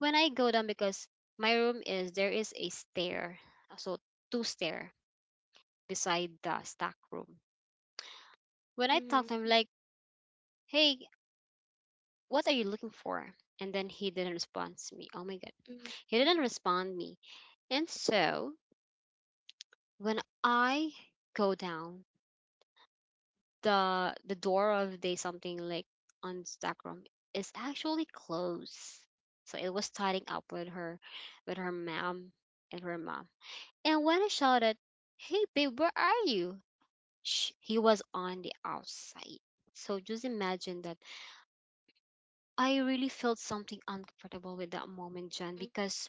S2: When I go down, because my room is, there is a stair, so two stair beside the stack room. When I
S1: Mm-hmm.
S2: talk to him like, "Hey, what are you looking for?" and then he didn't respond to me. Oh my God.
S1: Mm-hmm.
S2: He didn't respond me. And so, when I go down, the the door of the something like on stack room is actually closed. So it was tidying up with her with her mom and her mom. And when I shouted, "Hey babe, where are you?" sh- he was on the outside. So just imagine that I really felt something uncomfortable with that moment, Jen, because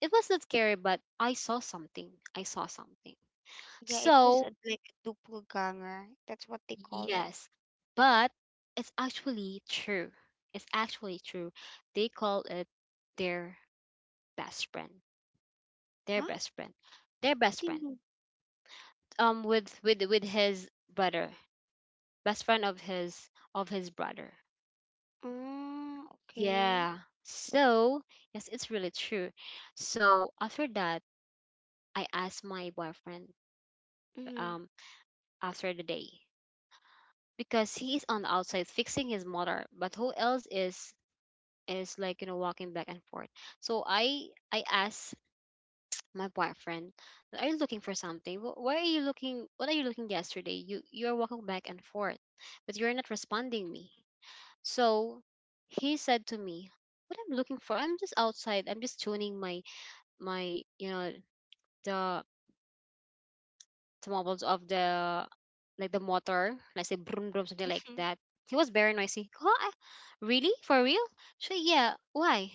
S2: it was not scary, but I saw something. I saw something.
S1: Yeah, it was a,
S2: So,
S1: like a doppelganger. That's what they call it.
S2: yes. But it's actually true. It's actually true. They call it their best friend.
S1: Huh?
S2: Their best friend. Their
S1: What do
S2: best
S1: you
S2: friend.
S1: mean?
S2: Um with with with his brother. Best friend of his of his brother.
S1: Oh, okay.
S2: Yeah. So, yes, it's really true. So, after that, I asked my boyfriend
S1: Mhm,
S2: um after the day, because he is on the outside fixing his motor, but who else is is like, you know, walking back and forth. So, I I asked my boyfriend, "Are you looking for something? Wh- Why are you looking, what are you looking yesterday? You you're walking back and forth, but you're not responding me." So, he said to me, "What I'm looking for? I'm just outside. I'm just tuning my my you know the the wobbles of the, like the motor, let's say, broom broom, something like
S1: mhm,
S2: that." He was very noisy, huh? Really, for real. So yeah, why?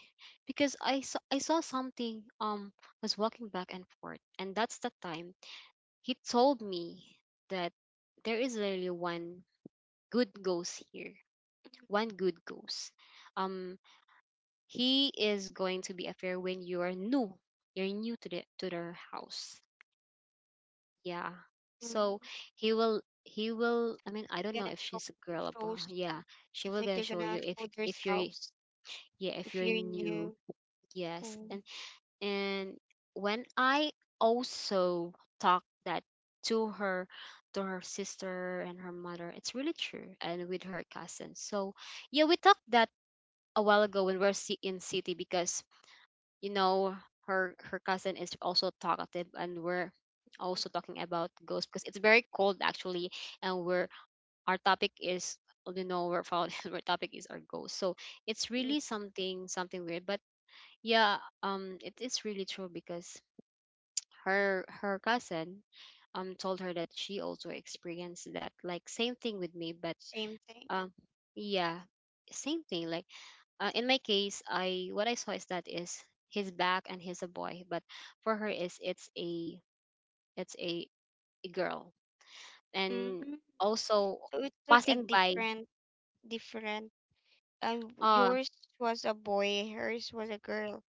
S2: Because i saw I saw something um was walking back and forth. And that's the time he told me that there is really one good ghost here.
S1: mhm,
S2: One good ghost. um he is going to be a fair when you are new, you're new to the to their house. Yeah. So
S1: mhm.
S2: he will he will, I mean, I don't
S1: They're
S2: know
S1: gonna
S2: if
S1: show
S2: she's a girl, but
S1: shows.
S2: yeah, she
S1: It's
S2: will
S1: like
S2: gonna
S1: they're
S2: show
S1: gonna
S2: you if
S1: show
S2: if you're
S1: themselves
S2: yeah, if
S1: if
S2: you're
S1: you're
S2: new.
S1: new.
S2: Yes.
S1: Oh.
S2: And and when I also talk that to her to her sister and her mother, it's really true, and with her cousin. So yeah, we talked that a while ago when we're ci- in city, because you know her her cousin is also talkative, and we're
S1: Mhm,
S2: also talking about ghosts, because it's very cold actually, and we're, our topic is, well, you know, we're found our topic is our ghosts. So it's
S1: yeah,
S2: really something, something weird, but yeah. Um it is really true, because her her cousin um told her that she also experienced that, like same thing with me. But
S1: same thing.
S2: um, yeah, same thing. Like uh, in my case, I what I saw is that is his back, and he's a boy, but for her is it's a it's a, a girl. And
S1: Mm,
S2: also
S1: so it's like a
S2: passing by,
S1: different, different. Um,
S2: uh
S1: yours was a boy, hers was a girl.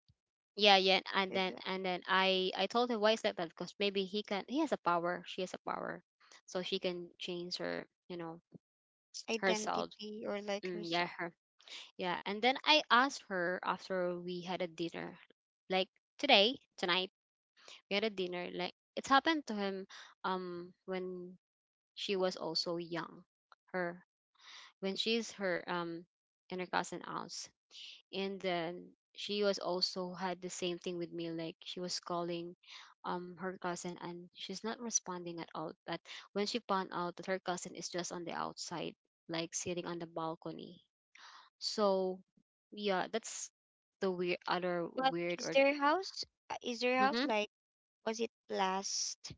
S2: yeah, yeah, and
S1: Is
S2: then
S1: a
S2: and then I I told him, why is like that, because maybe he can he has a power, she has a power, so she can change her you know herself.
S1: identity or like
S2: Mm, yeah,
S1: herself.
S2: her, yeah. And then I asked her after we had a dinner, like today, tonight get a dinner. Like it's happened to him um when she was also young. Her, when she's her um in her cousin house. And then she was also had the same thing with me, like she was calling um her cousin, and she's not responding at all. But when she found out that her cousin is just on the outside, like sitting on the balcony. So yeah, that's the weird, other
S1: But
S2: weird
S1: is
S2: or
S1: their house? uh, Is their house like? Was it blessed?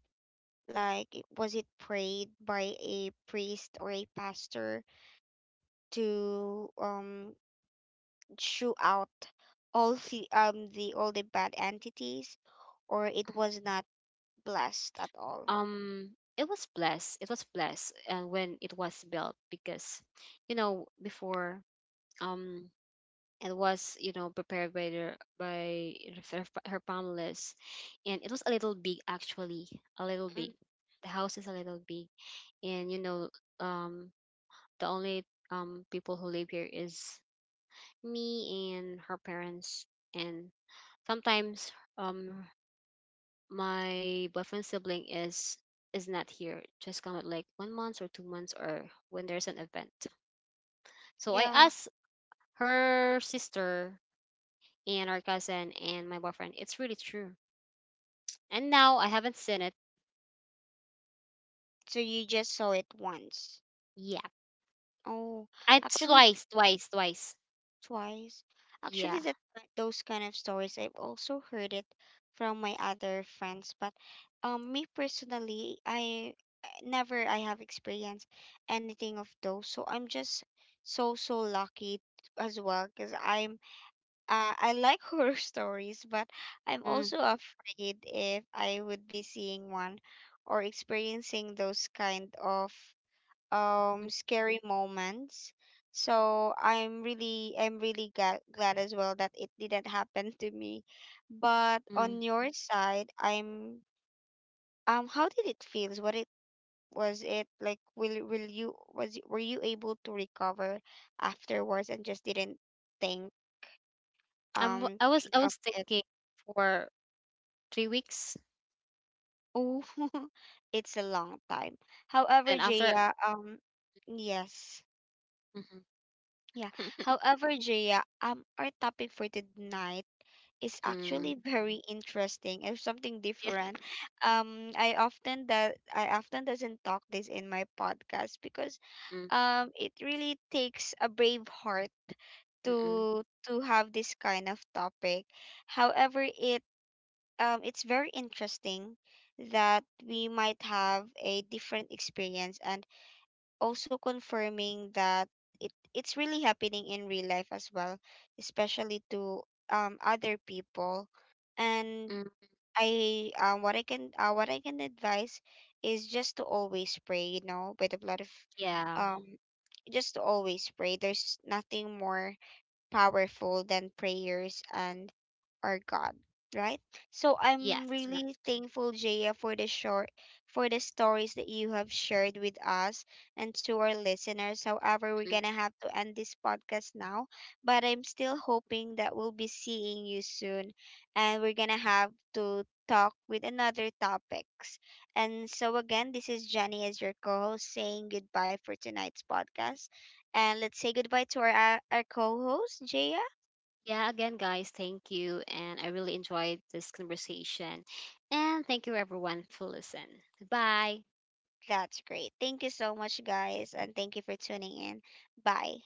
S1: Like, it- was it prayed by a priest or a pastor to um chew out all the um the all the bad entities, or it was not blessed at all.
S2: um it was blessed it was blessed and when it was built, because you know before um it was, you know, prepared by the by her, her families. And it was a little big actually, a little big.
S1: Mm,
S2: The house is a little big. And you know, um the only um people who live here is me and her parents. And sometimes um my boyfriend's sibling is is not here, just come at like one month or two months, or when there's an event. So I
S1: yeah.
S2: asked her sister and our cousin and my boyfriend, it's really true. And now I haven't seen it
S1: So you just saw it once.
S2: yet.
S1: Oh,
S2: I,
S1: actually
S2: twice, twice, twice.
S1: twice.
S2: Yeah.
S1: Actually, that those kind of stories I've also heard it from my other friends, but um, me personally, I I never I have experienced anything of those, so I'm just so so lucky as well because I uh, I like horror stories, but I'm
S2: Mm,
S1: also afraid if I would be seeing one or experiencing those kind of um
S2: mm,
S1: scary moments. So I'm really I'm really ga- glad as well that it didn't happen to me. But
S2: mm.
S1: on your side, I'm um how did it feels? What it was it like, will will you was were you able to recover afterwards and just didn't think,
S2: i'm w-
S1: um
S2: i was
S1: think
S2: i
S1: of
S2: was
S1: it.
S2: thinking for three weeks,
S1: Oh, it's a long time. However,
S2: then after.
S1: Jaya, um, yes,
S2: Mhm.
S1: yeah. However, Jaya, um, our topic for tonight is actually
S2: Mm,
S1: very interesting and something different.
S2: yeah.
S1: Um, I often that I often doesn't talk this in my podcast because,
S2: Mm,
S1: um, it really takes a brave heart
S2: mm, mm,
S1: to to have this kind of topic. However, it um, it's very interesting that we might have a different experience, and also confirming that it, it's really happening in real life as well, especially to um, other people. And
S2: mm.
S1: I uh, what I can uh, what I can advise is just to always pray, you know, by the blood of
S2: Yeah,
S1: um just to always pray. There's nothing more powerful than prayers and our God, right? So I'm
S2: yes.
S1: really thankful, Jaya, for the short for the stories that you have shared with us and to our listeners. However, we're gonna have to end this podcast now. But I'm still hoping that we'll be seeing you soon, and we're gonna have to talk with another topics. And so again, this is Jenny as your co-host saying goodbye for tonight's podcast. And let's say goodbye to our our co-host, Jaya.
S2: Yeah, again, guys, thank you. And I really enjoyed this conversation. And thank you, everyone, for listening. Goodbye.
S1: That's great. Thank you so much, guys, and thank you for tuning in. Bye.